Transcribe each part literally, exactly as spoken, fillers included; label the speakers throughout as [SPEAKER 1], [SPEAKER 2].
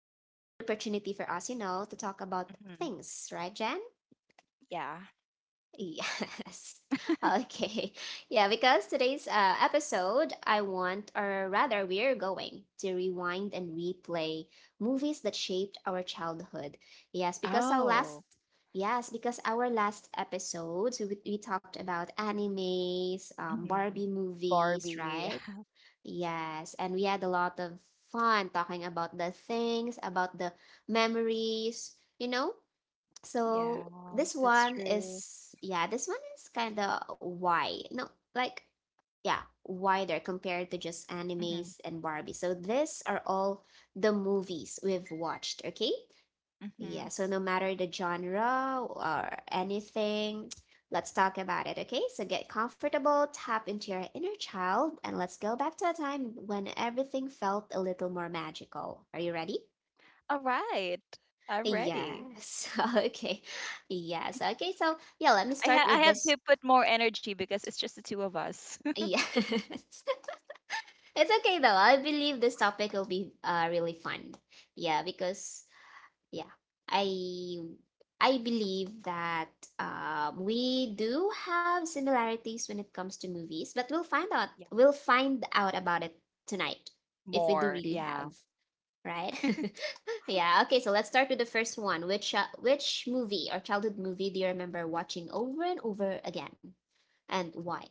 [SPEAKER 1] it's also a good opportunity for us, you know, to talk about
[SPEAKER 2] hmm
[SPEAKER 1] things, right, Jen?
[SPEAKER 2] Yeah.
[SPEAKER 1] Yes. Okay. Yeah, because today's uh, episode, I want, or rather, we're going to rewind and replay movies that shaped our childhood. Yes, because our last,
[SPEAKER 2] Oh,
[SPEAKER 1] yes, because our last episodes, we, we talked about animes, um, Barbie
[SPEAKER 2] hmm
[SPEAKER 1] movies,
[SPEAKER 2] Barbie.
[SPEAKER 1] right? Yes, and we had a lot of fun talking about the things, about the memories, you know? So
[SPEAKER 2] Yeah,
[SPEAKER 1] this
[SPEAKER 2] that's
[SPEAKER 1] one
[SPEAKER 2] true.
[SPEAKER 1] is yeah, this one is kind of why no like yeah wider compared to just animes
[SPEAKER 2] hmm
[SPEAKER 1] and Barbie. So these are all the movies we've watched. Okay, yeah.
[SPEAKER 2] hmm
[SPEAKER 1] So no matter the genre or anything, let's talk about it. Okay, so get comfortable, tap into your inner child, and let's go back to a time when everything felt a little more magical. Are you ready?
[SPEAKER 2] All right. I'm ready.
[SPEAKER 1] Yes. Okay. Yes. Okay. So, yeah, let me
[SPEAKER 2] I
[SPEAKER 1] start
[SPEAKER 2] ha
[SPEAKER 1] with
[SPEAKER 2] I have
[SPEAKER 1] this.
[SPEAKER 2] to put more energy because it's just the two of us.
[SPEAKER 1] Yes. It's okay though. I believe this topic will be uh really fun. Yeah, because yeah, I I believe that um we do have similarities when it comes to movies, but we'll find out
[SPEAKER 2] Yeah.
[SPEAKER 1] we'll find out about it tonight if we do
[SPEAKER 2] More.
[SPEAKER 1] really have.
[SPEAKER 2] Yeah.
[SPEAKER 1] Right? Yeah. Okay. So let's start with the first one. Which uh, which movie or childhood movie do you remember watching over and over again, and why?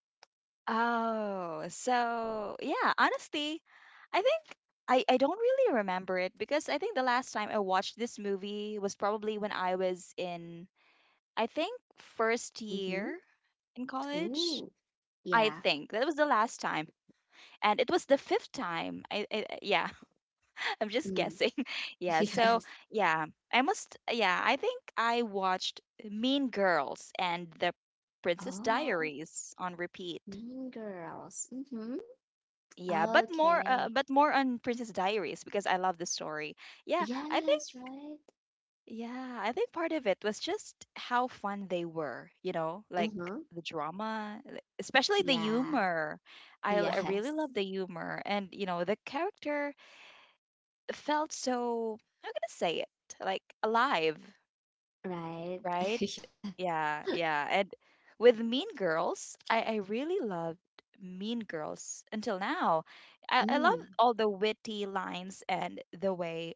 [SPEAKER 2] Oh, so yeah, honestly, I think I I don't really remember it because I think the last time I watched this movie was probably when I was in I think first
[SPEAKER 1] Mm-hmm.
[SPEAKER 2] year in college.
[SPEAKER 1] Ooh.
[SPEAKER 2] I
[SPEAKER 1] Yeah.
[SPEAKER 2] think that was the last time, and it was the fifth time. I, I I- yeah, I'm just
[SPEAKER 1] Mm.
[SPEAKER 2] guessing. Yeah, so
[SPEAKER 1] Yes.
[SPEAKER 2] yeah, I must. Yeah, I think I watched Mean Girls and The Princess
[SPEAKER 1] Oh,
[SPEAKER 2] Diaries on repeat.
[SPEAKER 1] Mean Girls. Mm-hmm.
[SPEAKER 2] Yeah, but more, uh,
[SPEAKER 1] Okay.
[SPEAKER 2] but more on Princess Diaries because I love the story. Yeah, I think
[SPEAKER 1] Yes. Right.
[SPEAKER 2] Yeah, I think part of it was just how fun they were, you know, like
[SPEAKER 1] Mm-hmm.
[SPEAKER 2] the drama, like- especially the
[SPEAKER 1] Yeah.
[SPEAKER 2] humor. I, l- I really
[SPEAKER 1] Yes.
[SPEAKER 2] love the humor. And, you know, the character felt so, how can I say it? Like alive,
[SPEAKER 1] Right.
[SPEAKER 2] right?
[SPEAKER 1] Yeah.
[SPEAKER 2] Yeah, yeah. And with Mean Girls, I, I really loved Mean Girls until now. I, I love
[SPEAKER 1] Mm.
[SPEAKER 2] all the witty lines and the way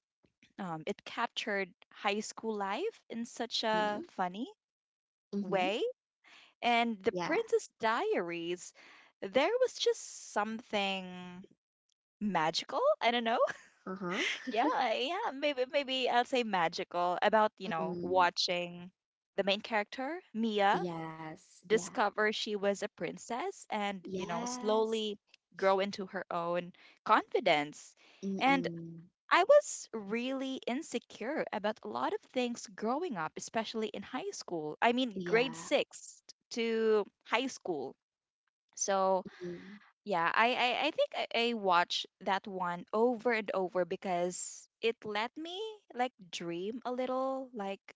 [SPEAKER 2] um, it captured high school life in such
[SPEAKER 1] Mm-hmm.
[SPEAKER 2] a funny
[SPEAKER 1] Mm-hmm.
[SPEAKER 2] way. And the
[SPEAKER 1] Yeah.
[SPEAKER 2] Princess Diaries, there was just something magical. I don't know.
[SPEAKER 1] Uh-huh.
[SPEAKER 2] Yeah, yeah, maybe maybe I'll say magical about, you know,
[SPEAKER 1] Mm,
[SPEAKER 2] watching the main character, Mia,
[SPEAKER 1] yes, yeah.
[SPEAKER 2] discover she was a princess and, you know,
[SPEAKER 1] Yes.
[SPEAKER 2] slowly grow into her own confidence. And
[SPEAKER 1] Mm-mm.
[SPEAKER 2] I was really insecure about a lot of things growing up, especially in high school. I mean, grade
[SPEAKER 1] Yeah.
[SPEAKER 2] six to high school. So,
[SPEAKER 1] Mm.
[SPEAKER 2] yeah, I, I, I think I, I watched that one over and over because it let me like dream a little, like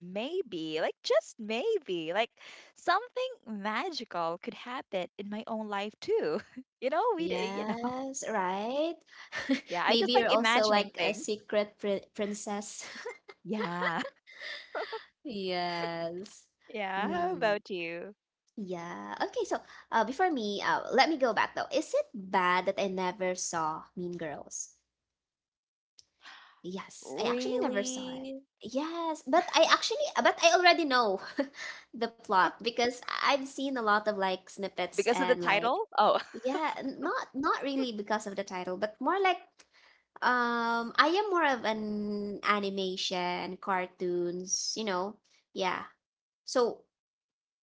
[SPEAKER 2] maybe, like just maybe, like something magical could happen in my own life too. you know, we, d- you know,
[SPEAKER 1] Yes, right?
[SPEAKER 2] yeah, I
[SPEAKER 1] Maybe
[SPEAKER 2] just like
[SPEAKER 1] you're also
[SPEAKER 2] imagining
[SPEAKER 1] like a
[SPEAKER 2] things.
[SPEAKER 1] secret pri princess.
[SPEAKER 2] Yeah.
[SPEAKER 1] Yes.
[SPEAKER 2] Yeah, how
[SPEAKER 1] Mm.
[SPEAKER 2] about you?
[SPEAKER 1] Yeah. Okay, so uh before me, uh let me go back though. Is it bad that I never saw Mean Girls? Yes, I actually never saw it.
[SPEAKER 2] Really?
[SPEAKER 1] Yes, but I actually, but I already know the plot because I've seen a lot of like snippets
[SPEAKER 2] Because of the
[SPEAKER 1] and like,
[SPEAKER 2] title? Oh.
[SPEAKER 1] yeah, n- not not really because of the title, but more like, um, I am more of an animation, cartoons, you know, yeah. So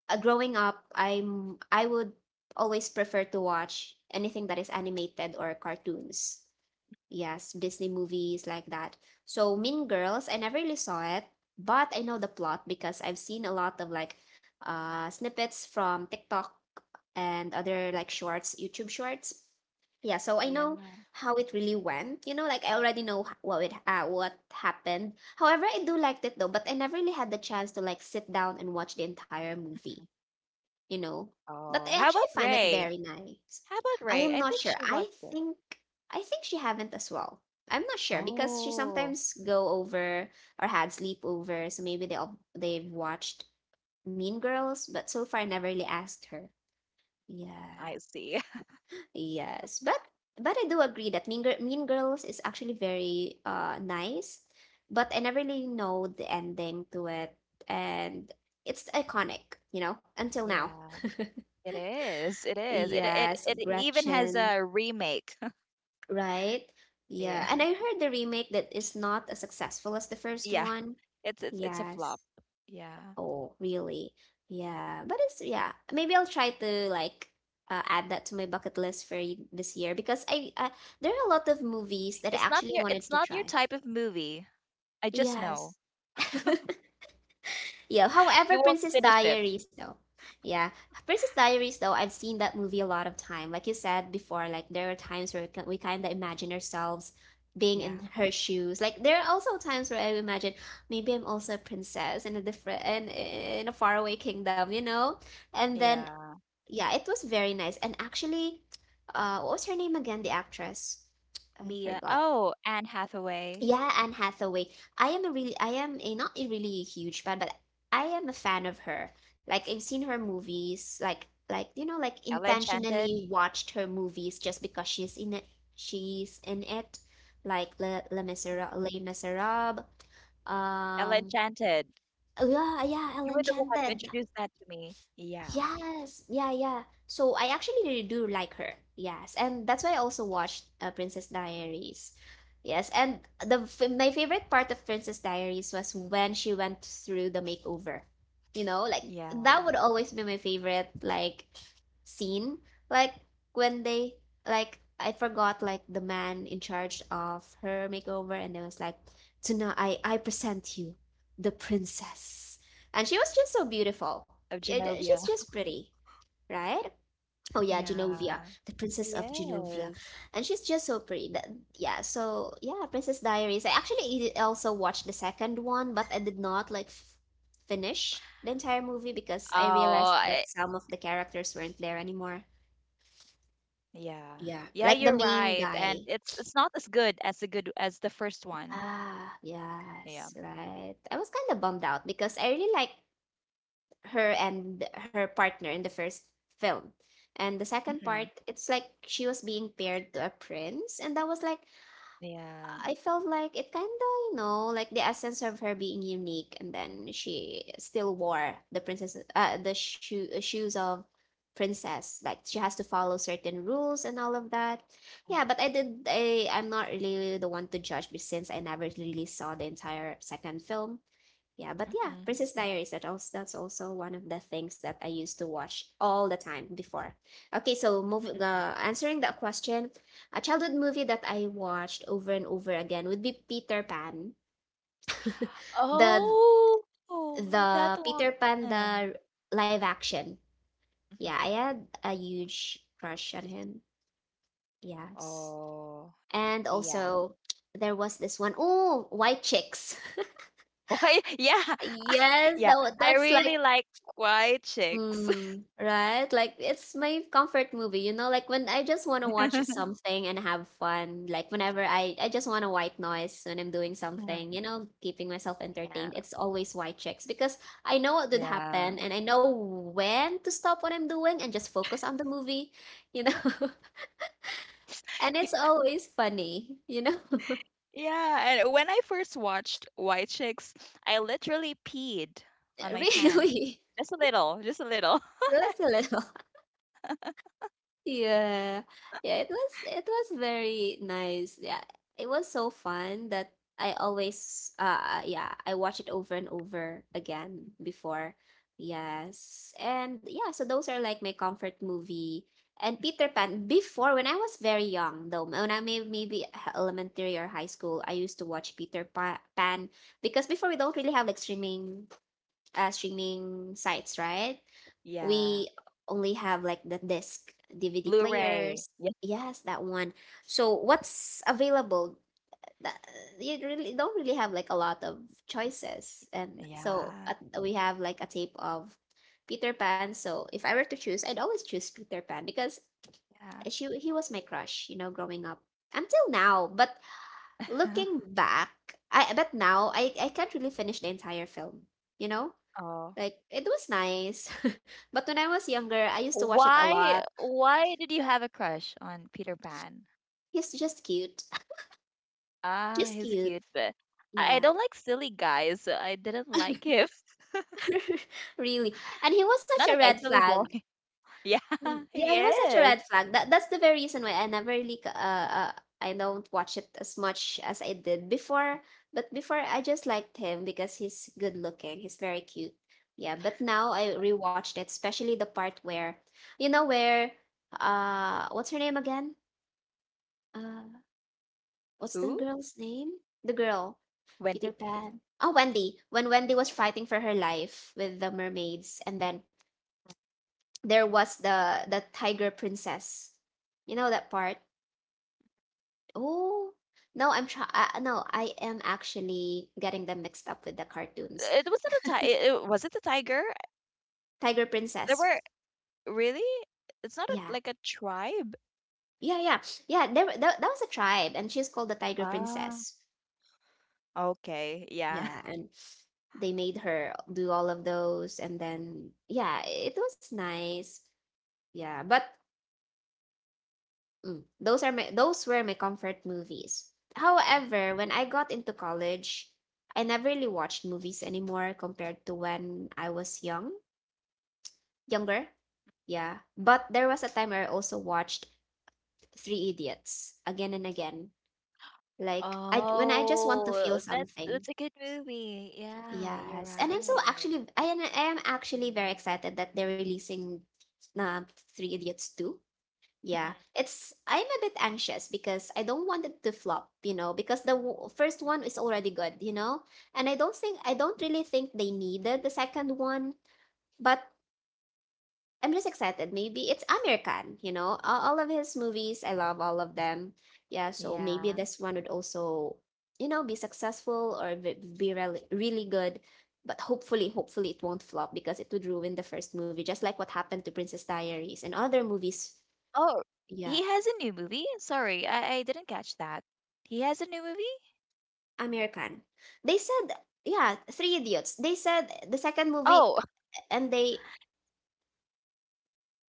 [SPEAKER 1] uh, growing up, I'm I would always prefer to watch anything that is animated or cartoons. Yes, Disney movies like that. So Mean Girls, I never really saw it, but I know the plot because I've seen a lot of like uh snippets from TikTok and other like shorts, YouTube shorts. Yeah, so I know
[SPEAKER 2] Yeah.
[SPEAKER 1] how it really went. You know, like I already know h- what it uh, what happened. However, I do liked it though, but I never really had the chance to like sit down and watch the entire movie you know. But
[SPEAKER 2] Oh,
[SPEAKER 1] I
[SPEAKER 2] how
[SPEAKER 1] actually
[SPEAKER 2] about
[SPEAKER 1] find it
[SPEAKER 2] Ray?
[SPEAKER 1] very nice.
[SPEAKER 2] How about
[SPEAKER 1] I
[SPEAKER 2] Ray?
[SPEAKER 1] am
[SPEAKER 2] I
[SPEAKER 1] not
[SPEAKER 2] think
[SPEAKER 1] sure.
[SPEAKER 2] she
[SPEAKER 1] I
[SPEAKER 2] watched it.
[SPEAKER 1] think I think she haven't as well. I'm not sure because she
[SPEAKER 2] Oh,
[SPEAKER 1] sometimes go over or had sleepover, so maybe they all they've watched Mean Girls, but so far I never really asked her.
[SPEAKER 2] I
[SPEAKER 1] Yeah.
[SPEAKER 2] see.
[SPEAKER 1] Yes, but but I do agree that Mean, Gir- mean Girls is actually very uh nice, but I never really know the ending to it, and it's iconic, you know, until now.
[SPEAKER 2] Yeah, it is. It is. It it
[SPEAKER 1] Yes,
[SPEAKER 2] it even has
[SPEAKER 1] Gretchen,
[SPEAKER 2] a remake.
[SPEAKER 1] right? Yeah,
[SPEAKER 2] Yeah.
[SPEAKER 1] and I heard the remake that is not as successful as the first
[SPEAKER 2] Yeah.
[SPEAKER 1] one.
[SPEAKER 2] It's it's it's a flop.
[SPEAKER 1] Yes.
[SPEAKER 2] Yeah.
[SPEAKER 1] Oh, really? Yeah, but it's yeah. Maybe I'll try to like uh, add that to my bucket list for y- this year because I uh, there are a lot of movies that I
[SPEAKER 2] It's not
[SPEAKER 1] actually
[SPEAKER 2] your it's
[SPEAKER 1] wanted to
[SPEAKER 2] not your
[SPEAKER 1] try.
[SPEAKER 2] type of movie. I just know.
[SPEAKER 1] Yes. Yeah. However,
[SPEAKER 2] You won't
[SPEAKER 1] Princess
[SPEAKER 2] finish it.
[SPEAKER 1] Diaries though. Yeah. Princess Diaries though, I've seen that movie a lot of time. Like you said before, like there are times where we kind of imagine ourselves being in
[SPEAKER 2] Yeah.
[SPEAKER 1] her shoes. Like there are also times where I imagine maybe I'm also a princess in a different and in, in a faraway kingdom, you know? And then
[SPEAKER 2] Yeah.
[SPEAKER 1] yeah, it was very nice. And actually, uh what was her name again, the actress? I
[SPEAKER 2] Mia.
[SPEAKER 1] forgot.
[SPEAKER 2] Oh, Anne Hathaway.
[SPEAKER 1] Yeah, Anne Hathaway. I am a really, I am a not a really huge fan, but I am a fan of her. Like I've seen her movies, like like you know, like
[SPEAKER 2] Ella Enchanted.
[SPEAKER 1] intentionally watched her movies just because she's in it. She's in it, like Le Le Misera Les Miserables.
[SPEAKER 2] Ella
[SPEAKER 1] Um,
[SPEAKER 2] Enchanted.
[SPEAKER 1] yeah, yeah, El
[SPEAKER 2] You were the one who
[SPEAKER 1] Enchanted.
[SPEAKER 2] introduced that to me. Yeah.
[SPEAKER 1] Yes, yeah, yeah. So I actually really do like her. Yes, and that's why I also watched uh, Princess Diaries. Yes, and the f- my favorite part of Princess Diaries was when she went through the makeover. You know, like that
[SPEAKER 2] Yeah.
[SPEAKER 1] would always be my favorite like scene. Like when they like I forgot like the man in charge of her makeover and it was like, "Tonight I I present you the princess." And she was just so
[SPEAKER 2] Of
[SPEAKER 1] beautiful.
[SPEAKER 2] Genovia.
[SPEAKER 1] Yeah, she's just pretty, right? Oh yeah, Genovia,
[SPEAKER 2] Yeah.
[SPEAKER 1] the
[SPEAKER 2] She
[SPEAKER 1] princess of Genovia,
[SPEAKER 2] is.
[SPEAKER 1] and she's just so pretty. That, yeah, so yeah, Princess Diaries. I actually i- also watched the second one, but I did not like f finish the entire movie because I
[SPEAKER 2] Oh,
[SPEAKER 1] realized that
[SPEAKER 2] I-
[SPEAKER 1] some of the characters weren't there anymore.
[SPEAKER 2] yeah.
[SPEAKER 1] Yeah,
[SPEAKER 2] Yeah, you're
[SPEAKER 1] like the
[SPEAKER 2] right.
[SPEAKER 1] main
[SPEAKER 2] And
[SPEAKER 1] guy.
[SPEAKER 2] it's it's not as good as the good as the first one.
[SPEAKER 1] Ah,
[SPEAKER 2] Yeah.
[SPEAKER 1] yes, right. I was kind of bummed out because I really like her and her partner in the first film. And the second
[SPEAKER 2] hmm
[SPEAKER 1] part, it's like she was being paired to a prince. And that was like,
[SPEAKER 2] Yeah.
[SPEAKER 1] I felt like it kind of, you know, like the essence of her being unique. And then she still wore the princess, uh, the shoe, uh, shoes of princess. Like she has to follow certain rules and all of that.
[SPEAKER 2] Mm,
[SPEAKER 1] Yeah, but I did, I, I'm not really the one to judge be- since I never really saw the entire second film. Yeah, but yeah,
[SPEAKER 2] mm-hmm.
[SPEAKER 1] Princess Diaries. That also that's also one of the things that I used to watch all the time before. Okay, so move
[SPEAKER 2] hmm
[SPEAKER 1] uh, answering that question, a childhood movie that I watched over and over again would be Peter Pan. the
[SPEAKER 2] Oh, oh, that
[SPEAKER 1] the
[SPEAKER 2] one.
[SPEAKER 1] Peter Pan, the live action. Yeah, I
[SPEAKER 2] Mhm.
[SPEAKER 1] had a huge crush on him. Yes.
[SPEAKER 2] Oh,
[SPEAKER 1] And
[SPEAKER 2] yeah.
[SPEAKER 1] also there was this one, oh, White Chicks.
[SPEAKER 2] Why? Yeah,
[SPEAKER 1] Yes,
[SPEAKER 2] yeah.
[SPEAKER 1] that wa-
[SPEAKER 2] I
[SPEAKER 1] that's like
[SPEAKER 2] really like white chicks.
[SPEAKER 1] Mm, right? Like it's my comfort movie, you know, like when I just want to watch something and have fun, like whenever I I just want to white noise when I'm doing
[SPEAKER 2] Mhm.
[SPEAKER 1] something, you know, keeping myself
[SPEAKER 2] Yeah.
[SPEAKER 1] entertained. It's always white chicks because I know what would
[SPEAKER 2] Yeah.
[SPEAKER 1] happen and I know when to stop what I'm doing and just focus on the movie, you know. And it's always funny, you know.
[SPEAKER 2] Yeah, and when I first watched White Chicks, I literally peed on my pants.
[SPEAKER 1] Really.
[SPEAKER 2] Just a little, just a little.
[SPEAKER 1] Just a little. Yeah. Yeah, it was it was very nice. Yeah. It was so fun that I always uh yeah, I watch it over and over again before. Yes. And yeah, so those are like my comfort movie. And Peter Pan before when I was very young though, when I may maybe h- elementary or high school, I used to watch Peter Pa- Pan because before we don't really have like streaming uh, streaming sites, right?
[SPEAKER 2] Yeah.
[SPEAKER 1] We only have like the disc, D V D
[SPEAKER 2] Blu-ray.
[SPEAKER 1] players.
[SPEAKER 2] Yeah.
[SPEAKER 1] Yes, that one. So what's available? That, you really don't really have like a lot of choices, and so
[SPEAKER 2] Yeah.
[SPEAKER 1] at, we have like a tape of Peter Pan. So if I were to choose, I'd always choose Peter Pan because
[SPEAKER 2] Yeah.
[SPEAKER 1] she he was my crush, you know, growing up until now. But looking back, I but now I I can't really finish the entire film, you know
[SPEAKER 2] Oh.
[SPEAKER 1] like it was nice. But when I was younger, I used to watch it a
[SPEAKER 2] Why
[SPEAKER 1] lot.
[SPEAKER 2] why did you have a crush on Peter Pan?
[SPEAKER 1] He's just cute.
[SPEAKER 2] Ah,
[SPEAKER 1] Just
[SPEAKER 2] he's cute,
[SPEAKER 1] cute.
[SPEAKER 2] but I I
[SPEAKER 1] Yeah.
[SPEAKER 2] don't like silly guys, so I didn't like him.
[SPEAKER 1] Really. And he was such
[SPEAKER 2] Not
[SPEAKER 1] a
[SPEAKER 2] a guy,
[SPEAKER 1] red
[SPEAKER 2] silly boy.
[SPEAKER 1] flag.
[SPEAKER 2] Yeah, he
[SPEAKER 1] Yeah, he was such a
[SPEAKER 2] is.
[SPEAKER 1] red flag. That that's the very reason why I never really c- uh, uh I don't watch it as much as I did before. But before I just liked him because he's good looking. He's very cute. Yeah, but now I rewatched it, especially the part where you know where uh what's her name again? Uh
[SPEAKER 2] Who?
[SPEAKER 1] What's the girl's name? The girl.
[SPEAKER 2] Wendy.
[SPEAKER 1] Peter Pan. Oh, Wendy. When Wendy was fighting for her life with the mermaids, and then there was the the tiger princess. You know that part? Oh, no, I'm try. Uh, no, I am actually getting them mixed up with the cartoons.
[SPEAKER 2] It wasn't a tiger. It, it- was it a tiger?
[SPEAKER 1] Tiger
[SPEAKER 2] There
[SPEAKER 1] princess.
[SPEAKER 2] were really. It's not a,
[SPEAKER 1] Yeah,
[SPEAKER 2] like a tribe.
[SPEAKER 1] yeah, yeah, yeah. There, wa- that, that was a tribe, and she's called the tiger
[SPEAKER 2] Ah,
[SPEAKER 1] princess.
[SPEAKER 2] okay, yeah.
[SPEAKER 1] Yeah, and they made her do all of those, and then yeah, it was nice. Yeah, but mm, those are my those were my comfort movies. However, when I got into college, I never really watched movies anymore compared to when I was young, younger. Yeah, but there was a time where I also watched Three Idiots again and again. Like I when I just want to
[SPEAKER 2] Oh,
[SPEAKER 1] feel
[SPEAKER 2] that's that's a
[SPEAKER 1] something.
[SPEAKER 2] good movie. Yeah, you're
[SPEAKER 1] Yes, and I'm so
[SPEAKER 2] right.
[SPEAKER 1] actually I am I am actually very excited that they're releasing uh, Three Idiots two. Yeah,
[SPEAKER 2] Mhm.
[SPEAKER 1] it's I'm a bit anxious because I don't want it to flop, you know, because the w- first one is already good, you know, and I don't think I don't really think they needed the second one, but I'm just excited. Maybe it's Amir Khan. You know, all, all of his movies, I love all of them. Yeah, so maybe
[SPEAKER 2] Yeah.
[SPEAKER 1] this one would also, you know, be successful or be, be really really good, but hopefully, hopefully it won't flop because it would ruin the first movie, just like what happened to Princess Diaries and other movies.
[SPEAKER 2] Oh, he
[SPEAKER 1] Yeah.
[SPEAKER 2] has a new movie? Sorry, I, I didn't catch that. He has a new movie?
[SPEAKER 1] American. They said, yeah, Three Idiots. They said the second movie,
[SPEAKER 2] Oh,
[SPEAKER 1] and they,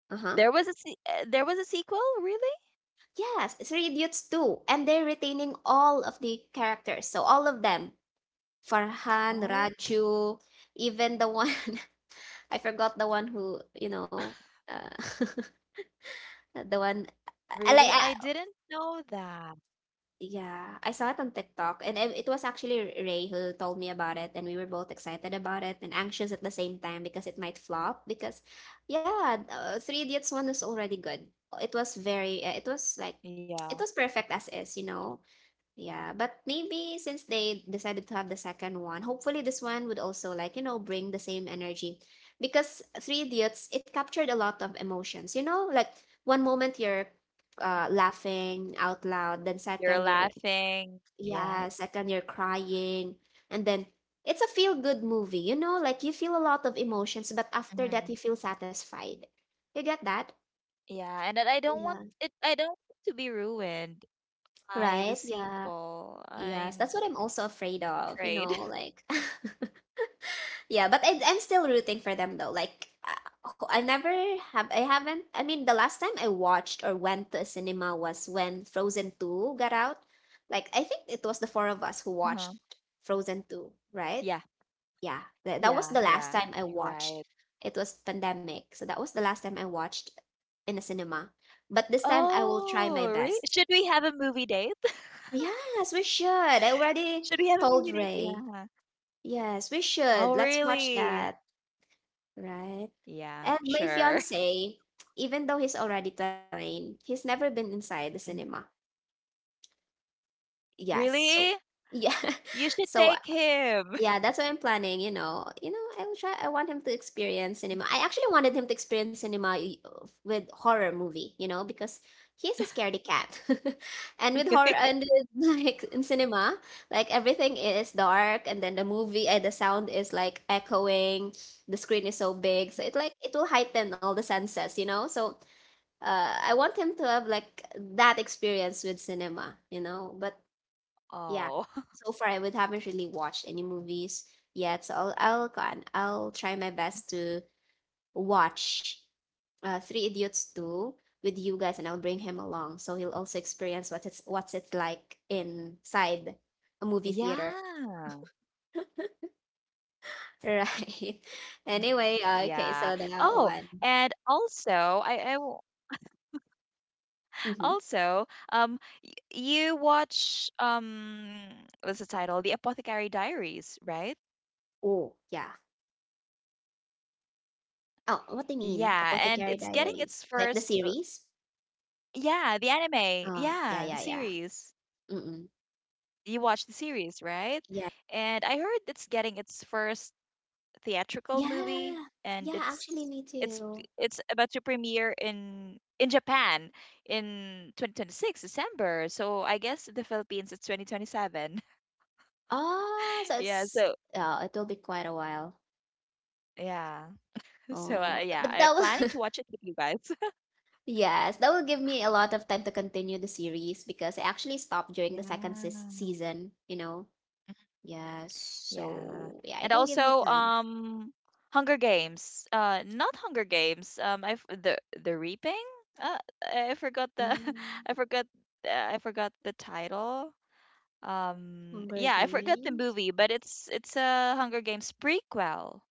[SPEAKER 1] uh huh,
[SPEAKER 2] there was a se uh, there was a sequel, really?
[SPEAKER 1] yes, Three Idiots too, and they're retaining all of the characters. So all of them, Farhan,
[SPEAKER 2] Oh,
[SPEAKER 1] Raju, even the one, I forgot the one who you know, uh, the one
[SPEAKER 2] really? I
[SPEAKER 1] I like.
[SPEAKER 2] didn't know that.
[SPEAKER 1] Yeah, I saw it on TikTok, and it it was actually Ray who told me about it, and we were both excited about it and anxious at the same time because it might flop. Because, yeah, uh, Three Idiots one is already good. It was very, uh, it was like,
[SPEAKER 2] Yeah.
[SPEAKER 1] it was perfect as is, you know. Yeah, but maybe since they decided to have the second one, hopefully this one would also, like, you know, bring the same energy, because Three Idiots, it captured a lot of emotions, you know, like one moment you're uh, laughing out loud. Then
[SPEAKER 2] You're
[SPEAKER 1] second, you're
[SPEAKER 2] laughing. Yeah.
[SPEAKER 1] yeah, second you're crying. And then it's a feel good movie, you know, like you feel a lot of emotions, but after that you
[SPEAKER 2] hmm
[SPEAKER 1] feel satisfied. You get that?
[SPEAKER 2] Yeah, and that I don't want
[SPEAKER 1] Yeah.
[SPEAKER 2] it I don't want to be ruined by
[SPEAKER 1] Right?
[SPEAKER 2] the
[SPEAKER 1] Yeah.
[SPEAKER 2] sequel.
[SPEAKER 1] Yes.
[SPEAKER 2] I'm
[SPEAKER 1] That's what I'm also afraid of, you know,
[SPEAKER 2] afraid.
[SPEAKER 1] like, yeah, but I, I'm still rooting for them though. Like uh, I never have I haven't I mean, the last time I watched or went to a cinema was when Frozen two got out. Like I think it was the four of us who
[SPEAKER 2] hmm
[SPEAKER 1] watched Frozen two, right?
[SPEAKER 2] Yeah.
[SPEAKER 1] Yeah, tha- that
[SPEAKER 2] Yeah,
[SPEAKER 1] was the
[SPEAKER 2] yeah.
[SPEAKER 1] last time I
[SPEAKER 2] You're right.
[SPEAKER 1] watched. It was pandemic, so that was the last time I watched in a cinema. But this time I will try my
[SPEAKER 2] Oh, really?
[SPEAKER 1] best.
[SPEAKER 2] Should we have a movie date?
[SPEAKER 1] Yes, we should. I already
[SPEAKER 2] Should we have a movie
[SPEAKER 1] told
[SPEAKER 2] date?
[SPEAKER 1] Ray.
[SPEAKER 2] Yeah.
[SPEAKER 1] Yes, we should.
[SPEAKER 2] Oh,
[SPEAKER 1] Let's watch
[SPEAKER 2] really?
[SPEAKER 1] that, right?
[SPEAKER 2] Yeah,
[SPEAKER 1] And my
[SPEAKER 2] sure.
[SPEAKER 1] fiance, even though he's already twenty-nine, he's never been inside the
[SPEAKER 2] Mm.
[SPEAKER 1] cinema. Yes, so
[SPEAKER 2] Really?
[SPEAKER 1] yeah.
[SPEAKER 2] You should
[SPEAKER 1] So
[SPEAKER 2] take him.
[SPEAKER 1] yeah, that's what I'm planning, you know. You know, I will try, I want him to experience cinema. I actually wanted him to experience cinema y- of- with horror movie, you know, because he's a scaredy cat. and with horror
[SPEAKER 2] Really?
[SPEAKER 1] and with, like in cinema, like everything is dark and then the movie and the sound is like echoing. The screen is so big, so it like it will heighten all the senses, you know. So, uh I want him to have like that experience with cinema, you know. But yeah.
[SPEAKER 2] Oh.
[SPEAKER 1] So far, I would haven't really watched any movies yet. So I'll I'll go on. I'll try my best to watch uh, Three Idiots two with you guys, and I'll bring him along so he'll also experience what it's what's it like inside a movie
[SPEAKER 2] Yeah.
[SPEAKER 1] theater. Right.
[SPEAKER 2] Mm,
[SPEAKER 1] Anyway,
[SPEAKER 2] yeah.
[SPEAKER 1] uh, okay,
[SPEAKER 2] Oh,
[SPEAKER 1] so that
[SPEAKER 2] and
[SPEAKER 1] one.
[SPEAKER 2] also I, I w-
[SPEAKER 1] Mm-hmm.
[SPEAKER 2] also um you watch um what's the title? The Apothecary Diaries, right?
[SPEAKER 1] Oh, yeah. Oh, what do you mean?
[SPEAKER 2] Yeah, and
[SPEAKER 1] Apothecary
[SPEAKER 2] it's getting
[SPEAKER 1] Diaries.
[SPEAKER 2] its
[SPEAKER 1] Like the
[SPEAKER 2] first uh,
[SPEAKER 1] series?
[SPEAKER 2] yeah, the anime.
[SPEAKER 1] Um, yeah,
[SPEAKER 2] Yeah, the
[SPEAKER 1] yeah, yeah.
[SPEAKER 2] series.
[SPEAKER 1] Mm-mm.
[SPEAKER 2] You watch the series, right?
[SPEAKER 1] Yeah.
[SPEAKER 2] And I heard it's getting its first theatrical movie,
[SPEAKER 1] Yeah.
[SPEAKER 2] and
[SPEAKER 1] Yeah, actually,
[SPEAKER 2] it's
[SPEAKER 1] me
[SPEAKER 2] it's
[SPEAKER 1] too.
[SPEAKER 2] it's about to premiere in in Japan in twenty twenty-six December. So I guess the Philippines it's twenty twenty-seven.
[SPEAKER 1] Ah, so
[SPEAKER 2] yeah.
[SPEAKER 1] it's
[SPEAKER 2] So
[SPEAKER 1] yeah, it will be quite a while.
[SPEAKER 2] yeah. So uh,
[SPEAKER 1] Oh, but
[SPEAKER 2] yeah,
[SPEAKER 1] but
[SPEAKER 2] I'm
[SPEAKER 1] that will,
[SPEAKER 2] planning to watch it with you guys.
[SPEAKER 1] yes, that will give me a lot of time to continue the series because I actually stopped during the second seas
[SPEAKER 2] yeah.
[SPEAKER 1] season, you know. Yes,
[SPEAKER 2] Yeah.
[SPEAKER 1] so yeah,
[SPEAKER 2] And
[SPEAKER 1] it will give me
[SPEAKER 2] also
[SPEAKER 1] time.
[SPEAKER 2] um Hunger Games. Uh not Hunger Games. Um I f- the the Reaping? Uh I forgot the
[SPEAKER 1] Mm,
[SPEAKER 2] I forgot uh, I forgot the title. um
[SPEAKER 1] Hunger
[SPEAKER 2] yeah, I forgot the
[SPEAKER 1] Games.
[SPEAKER 2] movie, but it's it's a Hunger Games prequel,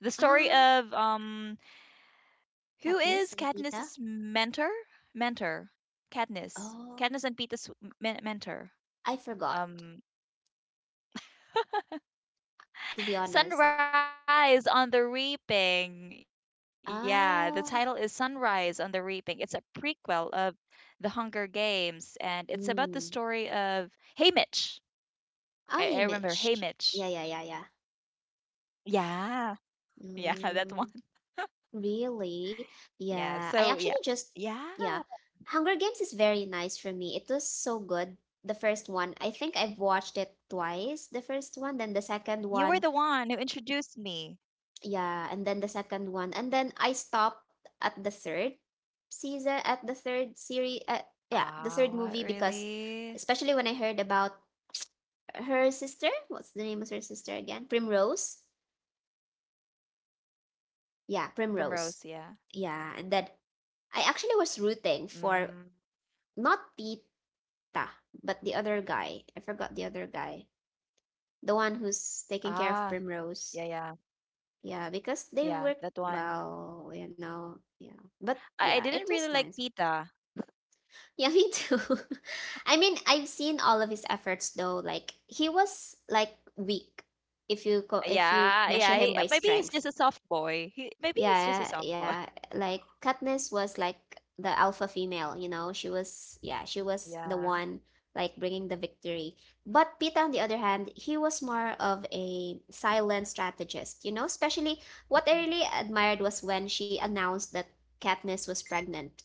[SPEAKER 2] the story
[SPEAKER 1] Ah,
[SPEAKER 2] of um who
[SPEAKER 1] Katniss
[SPEAKER 2] is
[SPEAKER 1] and Peeta.
[SPEAKER 2] Katniss's mentor, mentor Katniss,
[SPEAKER 1] Oh,
[SPEAKER 2] katniss and Peeta's men- mentor.
[SPEAKER 1] I forgot,
[SPEAKER 2] um
[SPEAKER 1] to be honest.
[SPEAKER 2] Sunrise on the Reaping. Yeah, the title is
[SPEAKER 1] Ah,
[SPEAKER 2] Sunrise on the Reaping. It's a prequel of the Hunger Games, and it's about the story
[SPEAKER 1] mm.
[SPEAKER 2] of Haymitch. i, I
[SPEAKER 1] Oh,
[SPEAKER 2] remember
[SPEAKER 1] Haymitch.
[SPEAKER 2] Haymitch,
[SPEAKER 1] Yeah, yeah, yeah, yeah.
[SPEAKER 2] yeah yeah. That one.
[SPEAKER 1] Mm. Really?
[SPEAKER 2] Yeah.
[SPEAKER 1] Yeah. I
[SPEAKER 2] So yeah.
[SPEAKER 1] actually just,
[SPEAKER 2] Yeah.
[SPEAKER 1] yeah. Hunger Games is very nice for me. It was so good. The first one, I think I've watched it twice. The first one, then the second one.
[SPEAKER 2] You were the one who introduced me.
[SPEAKER 1] Yeah, and then the second one. And then I stopped at the third season, at the third series, uh,
[SPEAKER 2] Ah,
[SPEAKER 1] yeah, the third
[SPEAKER 2] really?
[SPEAKER 1] movie because, especially when I heard about her sister, what's the name of her sister again? Primrose.
[SPEAKER 2] Primrose,
[SPEAKER 1] Yeah,
[SPEAKER 2] yeah.
[SPEAKER 1] Primrose. Yeah, and then I actually was
[SPEAKER 2] Mm.
[SPEAKER 1] rooting for, not Tita, but the other guy. I forgot the other guy. The one who's taking
[SPEAKER 2] Ah,
[SPEAKER 1] care of
[SPEAKER 2] yeah,
[SPEAKER 1] Primrose.
[SPEAKER 2] yeah,
[SPEAKER 1] Yeah, because
[SPEAKER 2] yeah,
[SPEAKER 1] they work
[SPEAKER 2] that one.
[SPEAKER 1] well, you know. Yeah. But
[SPEAKER 2] I, I
[SPEAKER 1] yeah, it
[SPEAKER 2] didn't really
[SPEAKER 1] was
[SPEAKER 2] like
[SPEAKER 1] nice.
[SPEAKER 2] Pita.
[SPEAKER 1] Yeah, me too. I mean, I've seen all of his efforts though. Like he was like weak if you co- if you
[SPEAKER 2] Yeah,
[SPEAKER 1] measure
[SPEAKER 2] yeah.
[SPEAKER 1] him
[SPEAKER 2] He, uh,
[SPEAKER 1] by
[SPEAKER 2] maybe he's
[SPEAKER 1] strength.
[SPEAKER 2] just a soft boy. He, maybe he's just a
[SPEAKER 1] Yeah,
[SPEAKER 2] soft boy.
[SPEAKER 1] yeah. Like Katniss was like the alpha female, you know. She was, yeah, she was
[SPEAKER 2] Yeah.
[SPEAKER 1] the one like bringing the victory. But Pita, on the other hand, he was more of a silent strategist, you know. Especially what I
[SPEAKER 2] Mm.
[SPEAKER 1] really admired was when she announced that Katniss was pregnant,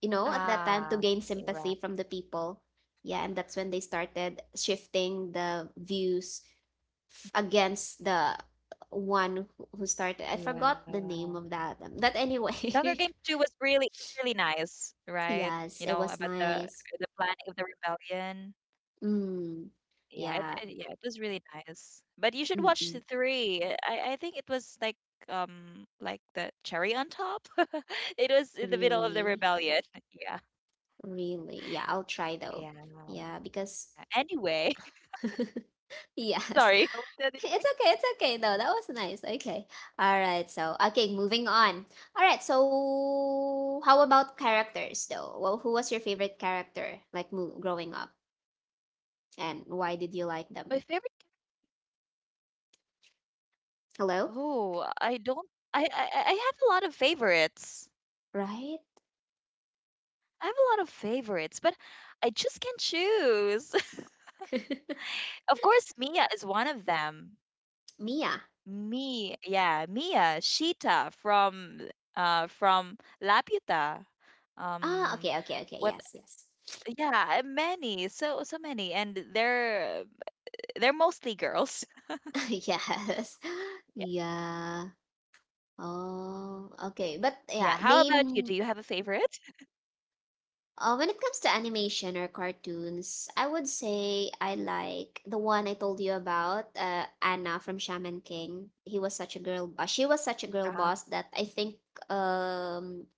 [SPEAKER 1] you know, at that time to
[SPEAKER 2] Ah,
[SPEAKER 1] gain
[SPEAKER 2] you're right.
[SPEAKER 1] sympathy from the people. Yeah, and that's when they started shifting the views f- against the one who who started. I forgot the
[SPEAKER 2] Yeah.
[SPEAKER 1] name of that. um, But
[SPEAKER 2] Hunger Games
[SPEAKER 1] anyway,
[SPEAKER 2] two was really was really nice, right? You
[SPEAKER 1] yes,
[SPEAKER 2] know,
[SPEAKER 1] it
[SPEAKER 2] about
[SPEAKER 1] was
[SPEAKER 2] the
[SPEAKER 1] nice.
[SPEAKER 2] the planning of the rebellion.
[SPEAKER 1] Mm,
[SPEAKER 2] Yeah, it,
[SPEAKER 1] yeah,
[SPEAKER 2] it yeah, it was really nice. But you should watch the
[SPEAKER 1] mm-mm,
[SPEAKER 2] three. I I think it was like um like the cherry on top. It was in the middle of the
[SPEAKER 1] really,
[SPEAKER 2] rebellion. Yeah.
[SPEAKER 1] really. Yeah, I'll try
[SPEAKER 2] Yeah.
[SPEAKER 1] though. Yeah, because,
[SPEAKER 2] Anyway,
[SPEAKER 1] yes,
[SPEAKER 2] sorry. What did I wanted to say?
[SPEAKER 1] it's okay. It's okay though. That was nice. Okay. All right. So, okay, moving on. All right. So how about characters though? Well, who was your favorite character, like mo- growing up, and why did you
[SPEAKER 2] My
[SPEAKER 1] like
[SPEAKER 2] favorite character—
[SPEAKER 1] them? Hello.
[SPEAKER 2] Oh, I don't, I, I I I have a lot of favorites.
[SPEAKER 1] Right?
[SPEAKER 2] I have a lot of favorites, but I just can't choose. Of course, Mia is one of them.
[SPEAKER 1] Mia.
[SPEAKER 2] Me, yeah, Mia, Sheeta from uh from Laputa.
[SPEAKER 1] Ah,
[SPEAKER 2] Um
[SPEAKER 1] okay, okay, okay.
[SPEAKER 2] what
[SPEAKER 1] Yes, yes.
[SPEAKER 2] yeah, and many, so so many, and they're they're mostly girls.
[SPEAKER 1] Yes. Yeah. Oh,
[SPEAKER 2] Yeah, how
[SPEAKER 1] okay.
[SPEAKER 2] about
[SPEAKER 1] But
[SPEAKER 2] you? Do you
[SPEAKER 1] yeah,
[SPEAKER 2] have a favorite?
[SPEAKER 1] name, Uh, when it comes to animation or cartoons, I would say I like the one I told you about, uh, Anna from Shaman King. He was such a girl boss. She was
[SPEAKER 2] Uh,
[SPEAKER 1] such a girl boss that I think um,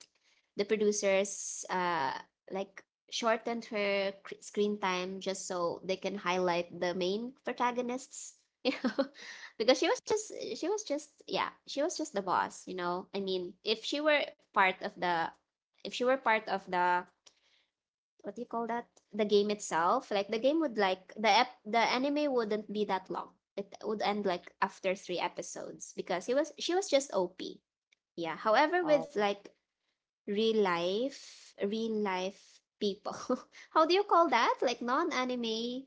[SPEAKER 1] the producers uh, like shortened her cr- screen time just so they can highlight the main protagonists, you know, because she was just she was just yeah, she was just the boss, you know. I mean, if she were part of the if she were part of the, what do you call that, the game itself, like the game would, like the ep- the anime wouldn't be that long, it would end like after three episodes because he was she was just op. Yeah, however, with
[SPEAKER 2] oh,
[SPEAKER 1] like real life, real life people. How do you call that, like non-anime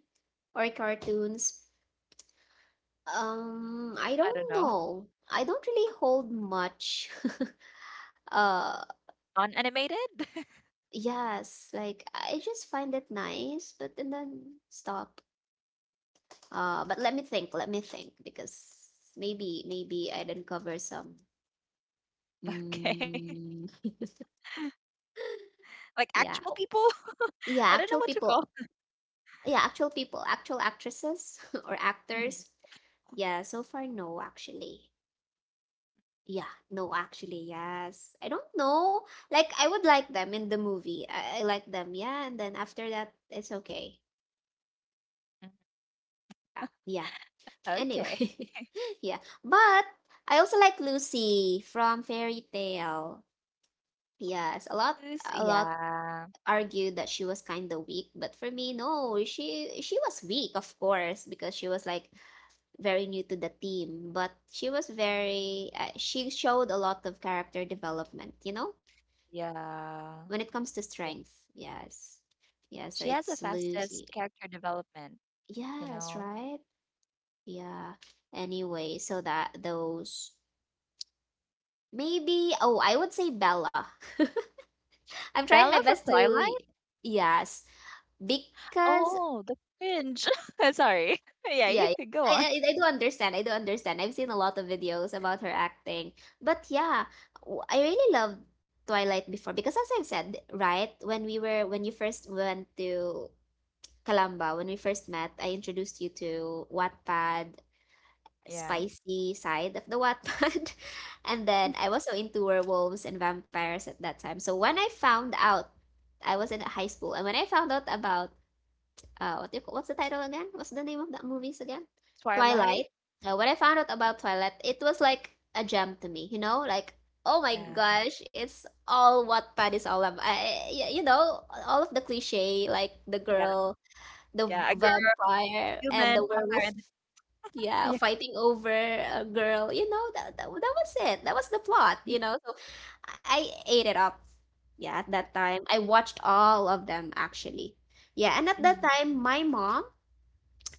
[SPEAKER 1] or cartoons, um I
[SPEAKER 2] I
[SPEAKER 1] don't
[SPEAKER 2] don't know.
[SPEAKER 1] know, I don't really hold much. uh
[SPEAKER 2] Non-animated?
[SPEAKER 1] yes, like I just find it nice, but, and then stop. Uh, but let me think. Let me think because maybe maybe I'd uncover some.
[SPEAKER 2] Okay.
[SPEAKER 1] Mm,
[SPEAKER 2] Like
[SPEAKER 1] yeah,
[SPEAKER 2] actual
[SPEAKER 1] oh,
[SPEAKER 2] people?
[SPEAKER 1] yeah.
[SPEAKER 2] I don't know
[SPEAKER 1] Actual
[SPEAKER 2] what to
[SPEAKER 1] people.
[SPEAKER 2] call.
[SPEAKER 1] Yeah, actual people. Actual actresses, or
[SPEAKER 2] Mhm,
[SPEAKER 1] actors. Yeah. So far, no. Actually, yeah. No, actually, yes. I don't know. Like I would like them in the movie. I, I like them. Yeah, and then after that, it's okay.
[SPEAKER 2] mhm.
[SPEAKER 1] Uh, yeah.
[SPEAKER 2] Okay.
[SPEAKER 1] Anyway, yeah. But I also like Lucy from Fairy Tale. Yes, a lot
[SPEAKER 2] Who's—
[SPEAKER 1] a lot
[SPEAKER 2] Yeah.
[SPEAKER 1] argued that she was kind of weak, but for me, no, she she was weak, of course, because she was like very new to the team, but she was very uh, she showed a lot of character development, you know,
[SPEAKER 2] Yeah.
[SPEAKER 1] when it comes to
[SPEAKER 2] Yeah.
[SPEAKER 1] strength. Yes. Yeah, so
[SPEAKER 2] She has the
[SPEAKER 1] it's Lucy.
[SPEAKER 2] fastest character development, you
[SPEAKER 1] Yes,
[SPEAKER 2] know.
[SPEAKER 1] right? Yeah. Anyway, so that, those, maybe, oh, I would say Bella. I'm trying my
[SPEAKER 2] Bella from
[SPEAKER 1] best to,
[SPEAKER 2] Twilight?
[SPEAKER 1] yes, because,
[SPEAKER 2] Oh, the cringe. Sorry. Yeah, you
[SPEAKER 1] yeah, yeah.
[SPEAKER 2] could go on.
[SPEAKER 1] I, I I do understand. I do understand. I've seen a lot of videos about her acting. But yeah, w- I really loved Twilight before because, as I've said, right, when we were when you first went to Calamba, when we first met, I introduced you to Wattpad,
[SPEAKER 2] Yeah.
[SPEAKER 1] spicy side of the Wattpad. And then I was so into werewolves and vampires at that time. So when I found out I was in high school and when I found out about uh, what do you, ca- what's the title again? What's the name of that movies again?
[SPEAKER 2] Twilight?
[SPEAKER 1] Twilight. Uh, when I found out about Twilight, it was like a gem to me. You know, like oh my
[SPEAKER 2] Yeah.
[SPEAKER 1] gosh, it's all what Wattpad is all about. I, y- you know, all of the cliche, like the
[SPEAKER 2] Yeah.
[SPEAKER 1] girl, the
[SPEAKER 2] Yeah. A girl,
[SPEAKER 1] vampire, and
[SPEAKER 2] human,
[SPEAKER 1] the
[SPEAKER 2] vampire.
[SPEAKER 1] werewolf.
[SPEAKER 2] And—
[SPEAKER 1] Yeah,
[SPEAKER 2] Yeah.
[SPEAKER 1] fighting over a girl. You know, that, that that was it. That was the plot. You know, so I ate it up. Yeah, at that time, I watched all of them actually. Yeah, and at that
[SPEAKER 2] Mm,
[SPEAKER 1] time, my mom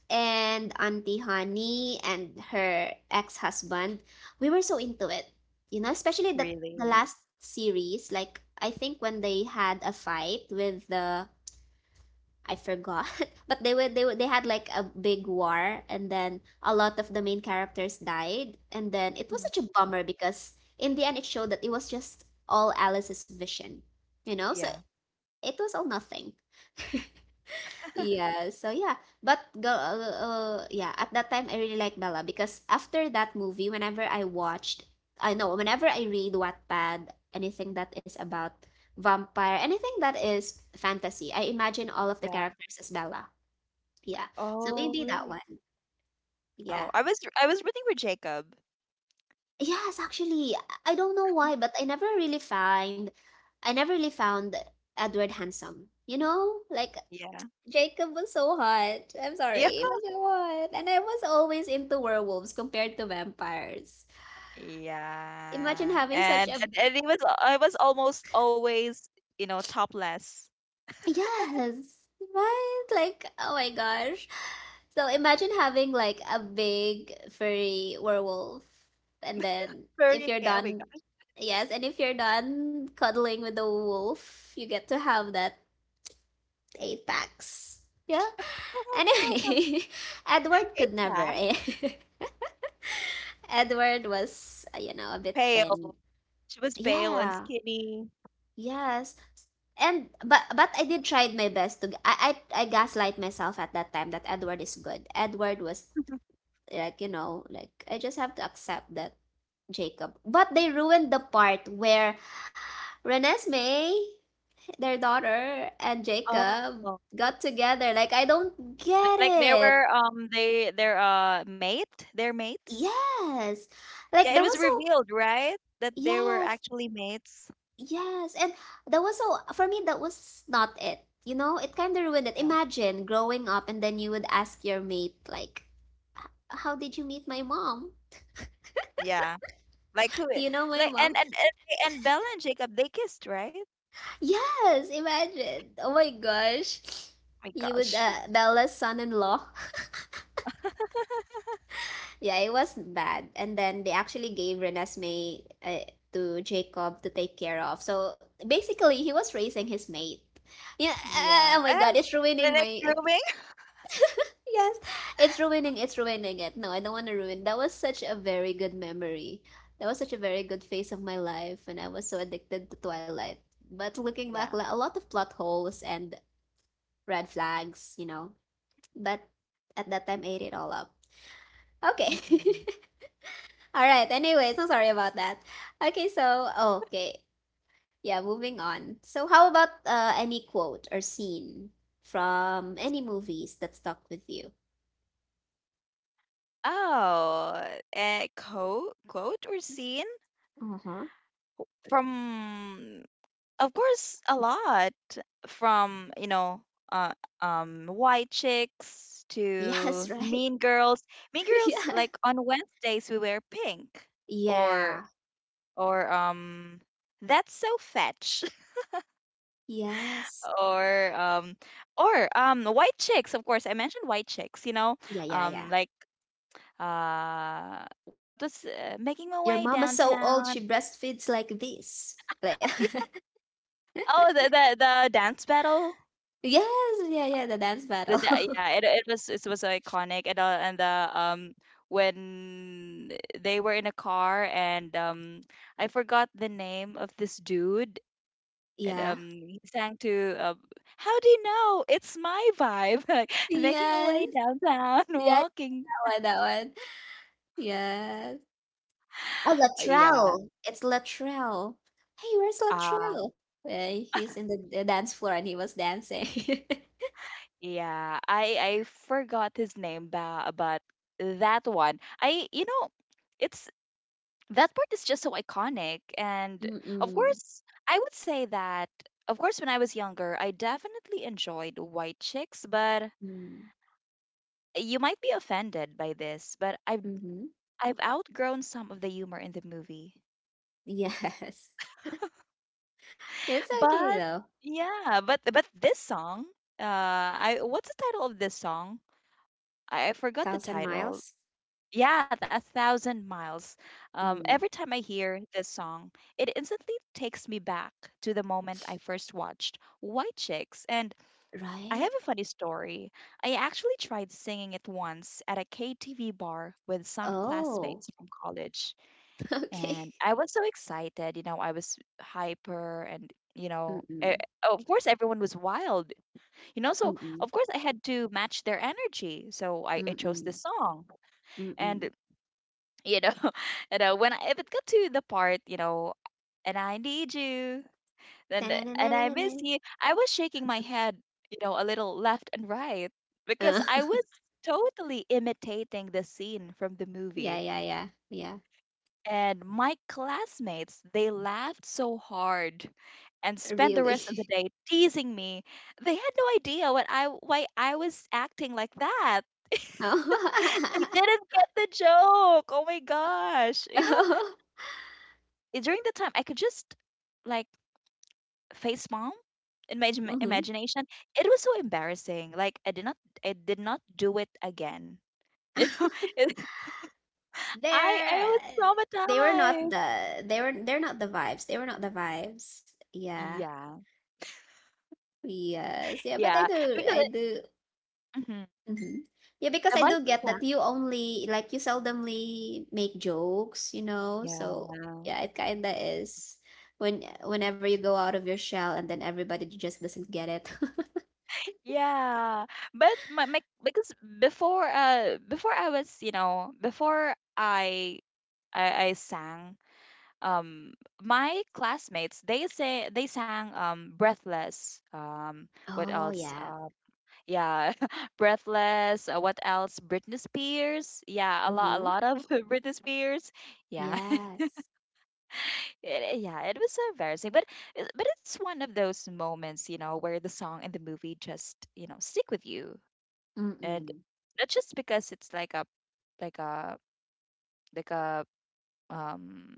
[SPEAKER 1] and Auntie Honey and her ex-husband, we were so into it. You know, especially the the
[SPEAKER 2] really?
[SPEAKER 1] last series, like I think when they had a fight with the, I forgot, but they were they were, they had like a big war, and then a lot of the main characters died, and then it was
[SPEAKER 2] Mhm.
[SPEAKER 1] such a bummer because in the end it showed that it was just all Alice's vision, you know? So
[SPEAKER 2] Yeah.
[SPEAKER 1] it was all nothing. Yeah, so yeah, but go, uh, uh, yeah, at that time I really like Bella because after that movie, whenever I watched, I know, whenever I read Wattpad, anything that is about vampire, anything that is fantasy, I imagine all of the
[SPEAKER 2] Yeah.
[SPEAKER 1] characters as Bella. Yeah, so
[SPEAKER 2] Oh,
[SPEAKER 1] maybe that
[SPEAKER 2] really?
[SPEAKER 1] one. Yeah.
[SPEAKER 2] Oh, I was, I was rooting for Jacob.
[SPEAKER 1] Yes, actually, I I don't know why, but I never really find, I never really found Edward handsome. You know, like
[SPEAKER 2] Yeah.
[SPEAKER 1] Jacob was so hot. I'm sorry,
[SPEAKER 2] Yeah.
[SPEAKER 1] he was so hot. And I was always into werewolves compared to vampires. Imagine
[SPEAKER 2] Yeah.
[SPEAKER 1] having such
[SPEAKER 2] And
[SPEAKER 1] a,
[SPEAKER 2] and, and he was I was almost always, you know, topless.
[SPEAKER 1] yes, right? Like oh my gosh. So imagine having like a big furry werewolf, and then if
[SPEAKER 2] Furry.
[SPEAKER 1] you're
[SPEAKER 2] Oh my
[SPEAKER 1] done,
[SPEAKER 2] god.
[SPEAKER 1] yes, and if you're done cuddling with the wolf, you get to have that eight packs. Yeah. Anyway, Edward could never.
[SPEAKER 2] Yeah.
[SPEAKER 1] Edward was, uh, you know, a bit thin.
[SPEAKER 2] Pale. She was pale and
[SPEAKER 1] Yeah,
[SPEAKER 2] skinny.
[SPEAKER 1] yes. And but but I did try my best to I I I gaslight myself at that time that Edward is good. Edward was like, you know, like I just have to accept that Jacob. But they ruined the part where Renesmee, their daughter, and
[SPEAKER 2] Oh.
[SPEAKER 1] Jacob got together. Like I don't
[SPEAKER 2] Th-
[SPEAKER 1] get
[SPEAKER 2] Like there
[SPEAKER 1] it.
[SPEAKER 2] were um they their uh mate, their mates.
[SPEAKER 1] Yes. Like
[SPEAKER 2] Yeah, it
[SPEAKER 1] that
[SPEAKER 2] was
[SPEAKER 1] was so.
[SPEAKER 2] revealed, right? That they were
[SPEAKER 1] Yes.
[SPEAKER 2] actually mates.
[SPEAKER 1] Yes, and that was so for me that was not it. You know, it kind of ruined it.
[SPEAKER 2] Yeah.
[SPEAKER 1] Imagine growing up and then you would ask your mate like, "How did you meet my mom?
[SPEAKER 2] Yeah. Like who,
[SPEAKER 1] Do you know my
[SPEAKER 2] like and
[SPEAKER 1] mom?"
[SPEAKER 2] and and, and Bella and Jacob they kissed, right?
[SPEAKER 1] Yes, imagine. Oh my gosh.
[SPEAKER 2] My
[SPEAKER 1] You would,
[SPEAKER 2] gosh.
[SPEAKER 1] uh, Bella's son-in-law. Yeah, it was bad. And then they actually gave Renesmee, uh, to Jacob to take care of. So basically, he was raising his mate. Yeah, uh, oh
[SPEAKER 2] Yeah.
[SPEAKER 1] my god,
[SPEAKER 2] And
[SPEAKER 1] it's
[SPEAKER 2] they
[SPEAKER 1] ruining
[SPEAKER 2] like
[SPEAKER 1] my.
[SPEAKER 2] grooming.
[SPEAKER 1] Yes, it's ruining, it's ruining it. No, I don't want to ruin. That was such a very good memory. That was such a very good phase of my life, and I was so addicted to Twilight. But looking back,
[SPEAKER 2] Yeah.
[SPEAKER 1] la- a lot of plot holes and red flags, you know. But at that time, ate it all up. Okay.
[SPEAKER 2] Mhm.
[SPEAKER 1] All right. Anyway, so sorry about that. Okay, so oh, okay. Yeah, moving on. So how about uh any quote or scene from any movies that stuck with you?
[SPEAKER 2] Oh, a quote, quote or scene
[SPEAKER 1] Uh-huh.
[SPEAKER 2] from, of course, a lot from, you know, uh, um, White Chicks
[SPEAKER 1] Yes,
[SPEAKER 2] to
[SPEAKER 1] right.
[SPEAKER 2] Mean Girls. Mean Girls,
[SPEAKER 1] Yeah.
[SPEAKER 2] like on Wednesdays, we wear pink, or,
[SPEAKER 1] Yeah.
[SPEAKER 2] or, um, that's so fetch,
[SPEAKER 1] Yes.
[SPEAKER 2] or um or um White Chicks, of course, I mentioned White Chicks, you know,
[SPEAKER 1] Yeah, yeah, yeah.
[SPEAKER 2] um like uh what was, uh, making my
[SPEAKER 1] Your
[SPEAKER 2] way
[SPEAKER 1] mama's so old, she
[SPEAKER 2] downtown.
[SPEAKER 1] breastfeeds like this. Like,
[SPEAKER 2] Oh, the the, the dance battle.
[SPEAKER 1] yes, yeah, yeah, the dance
[SPEAKER 2] The
[SPEAKER 1] battle.
[SPEAKER 2] da yeah, it it was, it was iconic. And uh, and the um when they were in a car, and um I forgot the name of this dude, and
[SPEAKER 1] Yeah.
[SPEAKER 2] um he sang to uh, how do you know? It's my vibe, like making a
[SPEAKER 1] Yes.
[SPEAKER 2] way downtown,
[SPEAKER 1] Yeah,
[SPEAKER 2] walking.
[SPEAKER 1] that one, that one. Yes. Oh,
[SPEAKER 2] Uh, Yeah.
[SPEAKER 1] Latrell. It's Latrell. Hey, where's
[SPEAKER 2] Ah,
[SPEAKER 1] Latrell? Uh, he's in the, the dance floor and he was dancing.
[SPEAKER 2] yeah. I I forgot his name ba but that one. I you know it's that part is just so iconic. And of
[SPEAKER 1] Mm-mm.
[SPEAKER 2] course, I would say that, of course, when I was younger, I definitely enjoyed white chicks, but
[SPEAKER 1] Mm.
[SPEAKER 2] you might be offended by this, but I've
[SPEAKER 1] Mm-hmm.
[SPEAKER 2] I've outgrown some of the humor in the movie.
[SPEAKER 1] Yes. It's okay
[SPEAKER 2] But
[SPEAKER 1] though.
[SPEAKER 2] yeah, but but this song, uh, I, what's the title of this song? I, I forgot the
[SPEAKER 1] Thousand
[SPEAKER 2] title.
[SPEAKER 1] miles.
[SPEAKER 2] Yeah, that's Thousand Miles. Um, every
[SPEAKER 1] Mm.
[SPEAKER 2] time I hear this song, it instantly takes me back to the moment I first watched White Chicks. And I have
[SPEAKER 1] Right?
[SPEAKER 2] a funny story. I actually tried singing it once at a K T V bar with some
[SPEAKER 1] Oh,
[SPEAKER 2] classmates from college.
[SPEAKER 1] okay.
[SPEAKER 2] And I was so excited, you know, I was hyper and, you know, eh,
[SPEAKER 1] Mm-mm,
[SPEAKER 2] of course everyone was wild, you know, so
[SPEAKER 1] mm-mm,
[SPEAKER 2] of course I had to match their energy. So I, I chose this
[SPEAKER 1] mm-mm,
[SPEAKER 2] song.
[SPEAKER 1] mm-mm.
[SPEAKER 2] And you know you know when I, if it got to the part, you know "and I need you," then "and I
[SPEAKER 1] Ta-na-na-na-na-na.
[SPEAKER 2] miss you," I was shaking my head, you know a little left and right,
[SPEAKER 1] Uh,
[SPEAKER 2] because I was totally imitating the scene from the
[SPEAKER 1] yeah,
[SPEAKER 2] movie.
[SPEAKER 1] yeah, yeah, yeah.
[SPEAKER 2] And my classmates, they laughed so hard and spent the
[SPEAKER 1] Really.
[SPEAKER 2] rest of the day teasing me. They had no idea what I why I was acting like that.
[SPEAKER 1] Oh.
[SPEAKER 2] They didn't get the joke. Oh my gosh. You know,
[SPEAKER 1] Oh.
[SPEAKER 2] eh, during the time I could just like face mom in my im-
[SPEAKER 1] Mm-hmm.
[SPEAKER 2] imagination. It was so embarrassing. Like I did not, I did not do it again. You know, It- I I
[SPEAKER 1] They're
[SPEAKER 2] was
[SPEAKER 1] they were not
[SPEAKER 2] traumatized.
[SPEAKER 1] the they were they're not the vibes. They were not the vibes. Yeah.
[SPEAKER 2] Yeah,
[SPEAKER 1] Yes. Yeah, but I
[SPEAKER 2] yeah,
[SPEAKER 1] do
[SPEAKER 2] because
[SPEAKER 1] I
[SPEAKER 2] it,
[SPEAKER 1] do
[SPEAKER 2] mhm.
[SPEAKER 1] Mhm. Yeah, because
[SPEAKER 2] the
[SPEAKER 1] I do
[SPEAKER 2] voice of
[SPEAKER 1] get that
[SPEAKER 2] that.
[SPEAKER 1] you only like you seldomly make jokes, you know. So
[SPEAKER 2] Yeah,
[SPEAKER 1] yeah, it kinda is when whenever you go out of your shell and then everybody just doesn't get it.
[SPEAKER 2] yeah, but my, my because before uh before I was, you know before I I, I sang, um my classmates, they say, they sang, um "Breathless," um what
[SPEAKER 1] Oh
[SPEAKER 2] else
[SPEAKER 1] yeah.
[SPEAKER 2] uh, yeah. "Breathless," uh, what else Britney Spears, yeah, a lot, a
[SPEAKER 1] Mm-hmm.
[SPEAKER 2] lot of Britney Spears, yeah.
[SPEAKER 1] Yes.
[SPEAKER 2] It, yeah, it was so embarrassing, but it- but it's one of those moments, you know where the song and the movie just, you know stick with you. And
[SPEAKER 1] Mm-mm.
[SPEAKER 2] not just because it's like a, like a like a um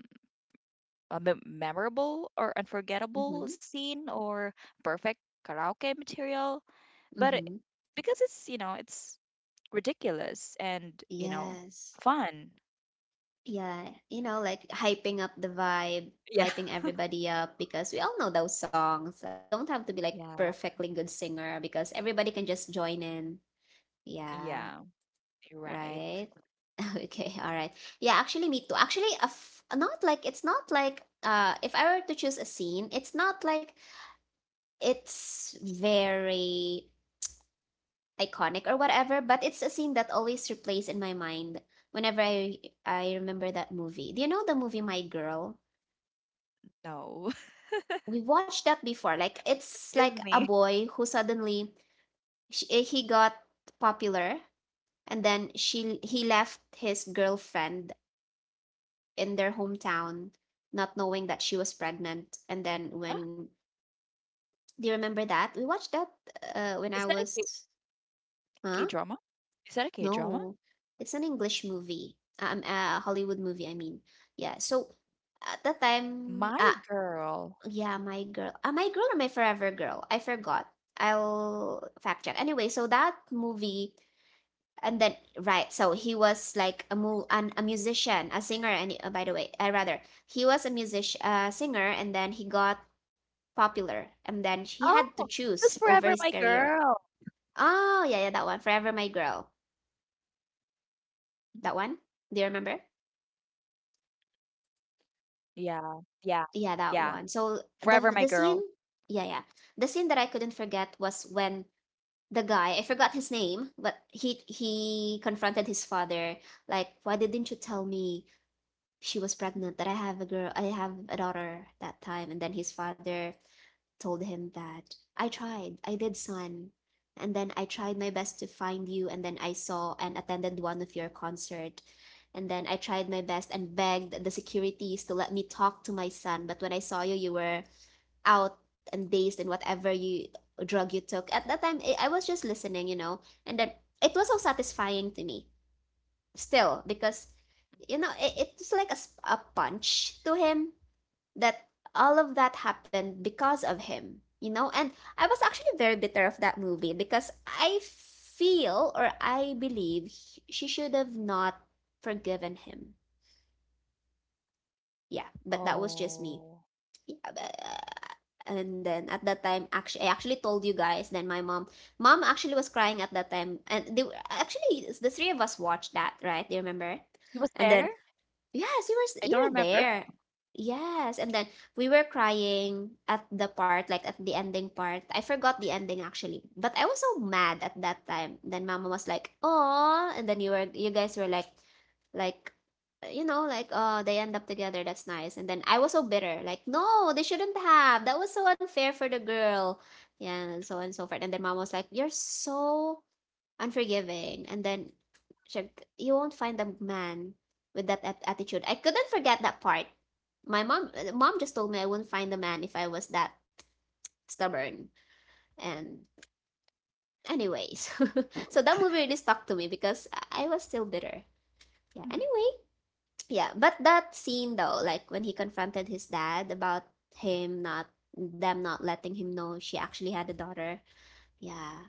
[SPEAKER 2] a mem- memorable or unforgettable
[SPEAKER 1] Mm-hmm.
[SPEAKER 2] scene or perfect karaoke material, but it-
[SPEAKER 1] Mm-hmm.
[SPEAKER 2] because it's, you know it's ridiculous and, you know
[SPEAKER 1] Yes.
[SPEAKER 2] fun.
[SPEAKER 1] Yeah. You know, like hyping up the vibe,
[SPEAKER 2] Yeah,
[SPEAKER 1] hyping everybody up because we all know those songs. Like you don't have to be like
[SPEAKER 2] yeah,
[SPEAKER 1] perfectly good singer because everybody can just join in. Yeah.
[SPEAKER 2] yeah, you're right.
[SPEAKER 1] Right. Okay. All right. Yeah, actually me too. Actually, a f- not like it's not like uh if I were to choose a scene, it's not like it's very iconic or whatever, but it's a scene that always replays in my mind whenever I I remember that movie. Do you know the movie My Girl?
[SPEAKER 2] No.
[SPEAKER 1] We watched that before. Like it's like a boy
[SPEAKER 2] Give
[SPEAKER 1] who
[SPEAKER 2] me.
[SPEAKER 1] suddenly sh- eh, he got popular and then she he left his girlfriend in their hometown, not knowing that she was pregnant. And then when
[SPEAKER 2] Huh?
[SPEAKER 1] do you remember that? We watched that, uh, when I was,
[SPEAKER 2] Is that a
[SPEAKER 1] huh?
[SPEAKER 2] K
[SPEAKER 1] No,
[SPEAKER 2] drama
[SPEAKER 1] it's
[SPEAKER 2] is
[SPEAKER 1] an
[SPEAKER 2] that a K
[SPEAKER 1] English
[SPEAKER 2] drama
[SPEAKER 1] movie. Um, a Hollywood movie. I mean, yeah. So at that time, uh,
[SPEAKER 2] my
[SPEAKER 1] yeah,
[SPEAKER 2] girl.
[SPEAKER 1] my girl, uh, my girl or my forever girl? I forgot. I'll fact check. Anyway, so that movie, and then right, so he was like a mu- an, a musician, a singer, and uh, by the way, I, uh, rather, he was a music, uh, singer, and then he got popular, and then he had to
[SPEAKER 2] Oh,
[SPEAKER 1] choose
[SPEAKER 2] this,
[SPEAKER 1] over
[SPEAKER 2] Forever
[SPEAKER 1] his
[SPEAKER 2] My
[SPEAKER 1] career.
[SPEAKER 2] Girl.
[SPEAKER 1] Oh yeah, yeah, that one, forever my girl, that
[SPEAKER 2] Mhm.
[SPEAKER 1] one. Do you remember?
[SPEAKER 2] Yeah, yeah,
[SPEAKER 1] Yeah, that one.
[SPEAKER 2] yeah,
[SPEAKER 1] So the the
[SPEAKER 2] Forever
[SPEAKER 1] scene,
[SPEAKER 2] My Girl.
[SPEAKER 1] yeah, yeah, the scene that I couldn't forget was when the guy, I forgot his name, but he he confronted his father, like, why didn't you tell me she was pregnant, that I have a girl, I have a daughter that time. And then his father told him that I tried, I did, son, and then I tried my best to find you, and then I saw and attended one of your concert, and then I tried my best and begged the securities to let me talk to my son, but when I saw you, you were out and dazed and whatever you drug you took. At that time, I I was just listening, you know, and then it was so satisfying to me still because, you know it, it was like a, s- a punch to him, that all of that happened because of him, you know. And I was actually very bitter of that movie because I feel or I believe sh- she should have not forgiven him. Yeah, but that was just me. Yeah,
[SPEAKER 2] Oh,
[SPEAKER 1] but, uh, and then at that time actually, I actually told you guys, then my mom mom actually was crying at that time, and they were, actually the three of us watched that, right? Do you remember? And then,
[SPEAKER 2] she was there.
[SPEAKER 1] yes, you were s- you were
[SPEAKER 2] I don't
[SPEAKER 1] there.
[SPEAKER 2] remember.
[SPEAKER 1] Yes, and then we were crying at the part, like at the ending part. I forgot the ending actually, but I was so mad at that time. Then Mama was like, "Oh," and then you were, you guys were like, like, you know, like, "Oh, they end up together. That's nice." And then I was so bitter, like, "No, they shouldn't have. That was so unfair for the girl." Yeah, and so on and so forth. And then Mama was like, "You're so unforgiving," and then, syem- you won't find a man with that at- attitude. I couldn't forget that part. My mom, uh, mom just told me I wouldn't find a man if I was that stubborn. And anyways, so that movie really stuck to me because I was still bitter. Yeah,
[SPEAKER 2] Mhm.
[SPEAKER 1] anyway, yeah, but that scene though, like when he confronted his dad about him not them not letting him know she actually had a daughter. Yeah,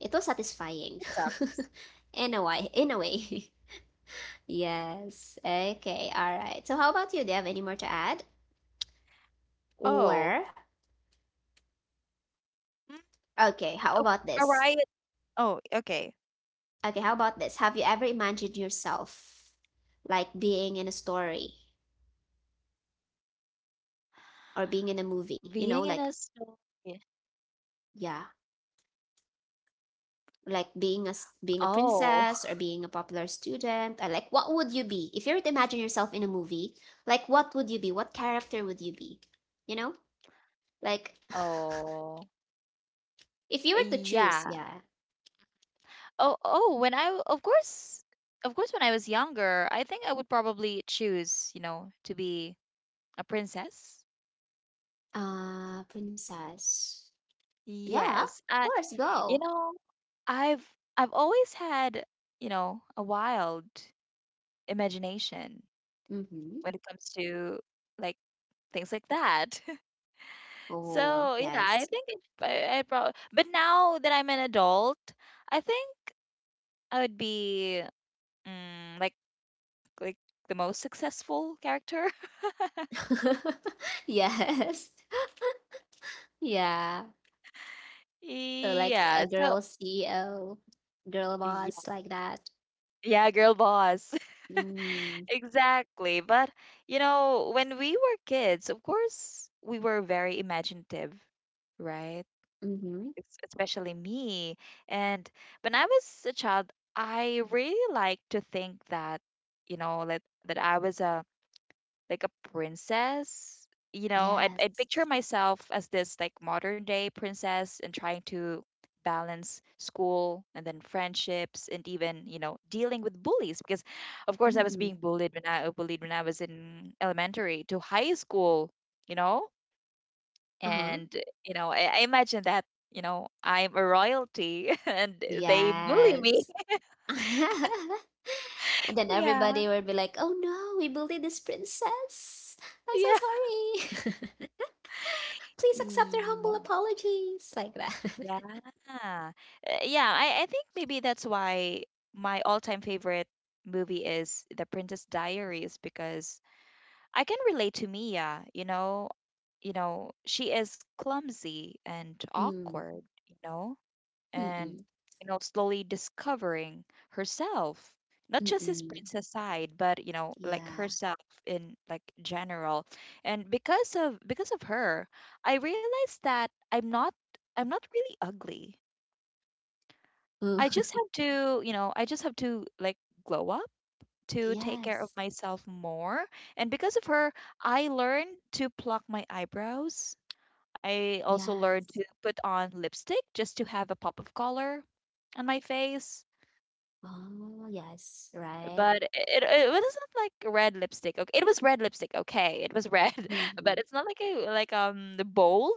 [SPEAKER 1] it was satisfying.
[SPEAKER 2] What's up?
[SPEAKER 1] In a way, in a way. Yes. Okay. All right. So how about you? Do you have any more to add?
[SPEAKER 2] Oh,
[SPEAKER 1] Or,
[SPEAKER 2] mm
[SPEAKER 1] okay, how
[SPEAKER 2] oh,
[SPEAKER 1] about
[SPEAKER 2] a
[SPEAKER 1] this?
[SPEAKER 2] riot. Oh, okay.
[SPEAKER 1] Okay, how about this? Have you ever imagined yourself like being in a story or being in a
[SPEAKER 2] Being
[SPEAKER 1] movie?
[SPEAKER 2] in
[SPEAKER 1] You
[SPEAKER 2] a
[SPEAKER 1] know, like,
[SPEAKER 2] store.
[SPEAKER 1] yeah, like being a s- being a
[SPEAKER 2] Oh,
[SPEAKER 1] princess or being a popular student. Or like what would you be if you were to imagine yourself in a movie? Like what would you be? What character would you be? You know, like,
[SPEAKER 2] oh,
[SPEAKER 1] if you were to choose,
[SPEAKER 2] yeah.
[SPEAKER 1] yeah,
[SPEAKER 2] Oh, oh. When I, of course, of course, when I was younger, I think I would probably choose, you know, to be a princess.
[SPEAKER 1] uh, princess. Yeah,
[SPEAKER 2] Yes.
[SPEAKER 1] of
[SPEAKER 2] I,
[SPEAKER 1] course,
[SPEAKER 2] you
[SPEAKER 1] go.
[SPEAKER 2] know, I've I've always had, you know, a wild imagination
[SPEAKER 1] Mm-hmm.
[SPEAKER 2] when it comes to, like things like that.
[SPEAKER 1] Oh,
[SPEAKER 2] So yeah,
[SPEAKER 1] yes.
[SPEAKER 2] I think it, I, I probably. But now that I'm an adult, I think I would be, mm, like like the most successful character.
[SPEAKER 1] Yes. Yeah. So like a
[SPEAKER 2] Yeah. So
[SPEAKER 1] girl C E O, girl
[SPEAKER 2] yeah,
[SPEAKER 1] boss like that.
[SPEAKER 2] yeah, girl boss.
[SPEAKER 1] Mm.
[SPEAKER 2] Exactly. But you know, when we were kids, of course, we were very imaginative, right?
[SPEAKER 1] Mm-hmm.
[SPEAKER 2] Es- Especially me. And when I was a child, I really like to think that, you know, like that I was a, like a princess. You know, I'd, I'd
[SPEAKER 1] Yes.
[SPEAKER 2] picture myself as this, like, modern day princess and trying to balance school and then friendships and even, you know, dealing with bullies, because of course I was
[SPEAKER 1] Mm-mm.
[SPEAKER 2] being bullied when I bullied when I was in elementary to high school. You know,
[SPEAKER 1] Uh-huh.
[SPEAKER 2] and you know I, I imagine that, you know, I'm a royalty and they bully me.
[SPEAKER 1] Yes. And then
[SPEAKER 2] Yeah,
[SPEAKER 1] everybody will be like, "Oh no, we bullied this princess. I'm so sorry. Please accept their humble
[SPEAKER 2] yeah.
[SPEAKER 1] apologies." Like that.
[SPEAKER 2] Yeah. Uh, yeah, I, I think maybe that's why my all-time favorite movie is The Princess Diaries, because I can relate to Mia, you know, you know, she is clumsy and
[SPEAKER 1] Mm.
[SPEAKER 2] awkward, you know, and
[SPEAKER 1] Mm-mm.
[SPEAKER 2] you know, slowly discovering herself, not just his
[SPEAKER 1] Mm-mm.
[SPEAKER 2] princess side, but you know, like
[SPEAKER 1] Yeah.
[SPEAKER 2] herself in, like, general. And because of because of her, I realized that I'm not I'm not really ugly.
[SPEAKER 1] Mm.
[SPEAKER 2] I just have to, you know, I just have to, like, glow up, to take care of
[SPEAKER 1] Yes.
[SPEAKER 2] myself more. And because of her, I learned to pluck my eyebrows. I also learned
[SPEAKER 1] Yes.
[SPEAKER 2] to put on lipstick just to have a pop of color on my face.
[SPEAKER 1] Oh, yes, right.
[SPEAKER 2] But it, it, wasn't like red lipstick. Okay, it was red lipstick. Okay, it was red, but
[SPEAKER 1] Mm.
[SPEAKER 2] it's not like a, like um the bold.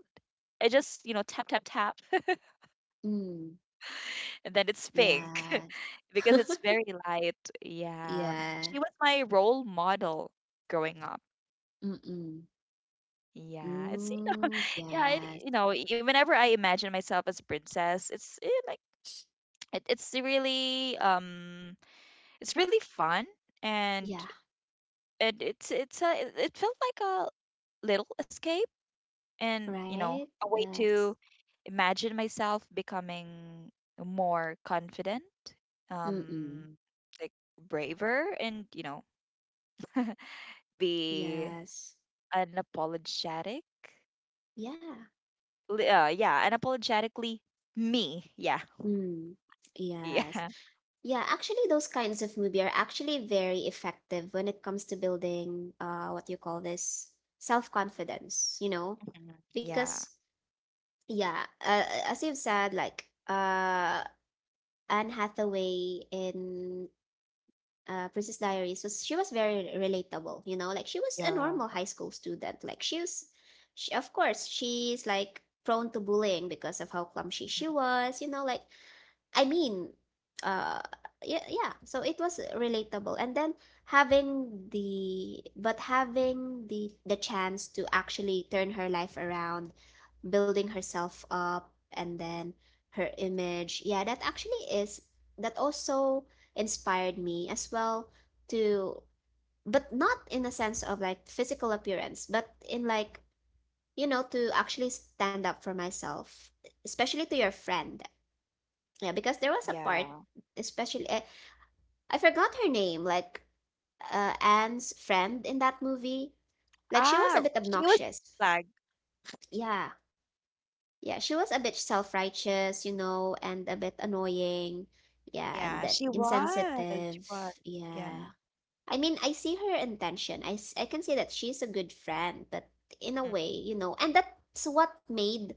[SPEAKER 2] It just, you know, tap, tap, tap,
[SPEAKER 1] Mm.
[SPEAKER 2] and then it's pink.
[SPEAKER 1] Yes.
[SPEAKER 2] Because it's very light. Yeah.
[SPEAKER 1] Yeah.
[SPEAKER 2] She was my role model growing up.
[SPEAKER 1] Mm-mm.
[SPEAKER 2] Yeah. It's
[SPEAKER 1] Mm,
[SPEAKER 2] yeah, it,
[SPEAKER 1] yes.
[SPEAKER 2] you know, y- whenever I imagine myself as a princess, it's eh, like it, it's really, um it's really fun. And
[SPEAKER 1] Yeah.
[SPEAKER 2] and it's it's a, it it felt like a little escape and, you know,
[SPEAKER 1] Right?
[SPEAKER 2] a way
[SPEAKER 1] Yes.
[SPEAKER 2] to imagine myself becoming more confident,
[SPEAKER 1] Mm-mm.
[SPEAKER 2] um like braver and, you know, be
[SPEAKER 1] Yes.
[SPEAKER 2] unapologetic.
[SPEAKER 1] Yeah.
[SPEAKER 2] Li- Uh, yeah, unapologetically me. Yeah.
[SPEAKER 1] Mm. Yes.
[SPEAKER 2] Yeah.
[SPEAKER 1] Yeah, actually, those kinds of movie are actually very effective when it comes to building, uh, what you call this, self-confidence, you know,
[SPEAKER 2] Mhm. Yeah.
[SPEAKER 1] because, yeah, uh, uh, as you've said, like, uh, Anne Hathaway in, uh, Princess Diaries was, she was very relatable, you know, like she was a
[SPEAKER 2] Yeah.
[SPEAKER 1] normal high school student. Like she was, she, of course, she's like prone to bullying because of how clumsy she
[SPEAKER 2] Mhm.
[SPEAKER 1] was, you know, like I mean, uh, yeah, yeah. So it was relatable, and then having the but having the the chance to actually turn her life around, building herself up, and then her image. Yeah, that actually is, that also inspired me as well to, but not in a sense of like physical appearance, but in like, you know, to actually stand up for myself, especially to your friend, yeah, because there was a part,
[SPEAKER 2] Yeah.
[SPEAKER 1] especially I, I forgot her name, like uh, Anne's friend in that movie. Like she was a
[SPEAKER 2] Ah,
[SPEAKER 1] bit
[SPEAKER 2] she was
[SPEAKER 1] obnoxious.
[SPEAKER 2] flag.
[SPEAKER 1] Yeah, yeah, she was a bit self-righteous, you know, and a bit annoying. Yeah, and
[SPEAKER 2] Yeah,
[SPEAKER 1] then
[SPEAKER 2] she was. She
[SPEAKER 1] insensitive.
[SPEAKER 2] was. Yeah.
[SPEAKER 1] Yeah. I mean, I see her intention. I, s- I can see that she's a good friend, but in a
[SPEAKER 2] Mm.
[SPEAKER 1] way, you know, and that's what made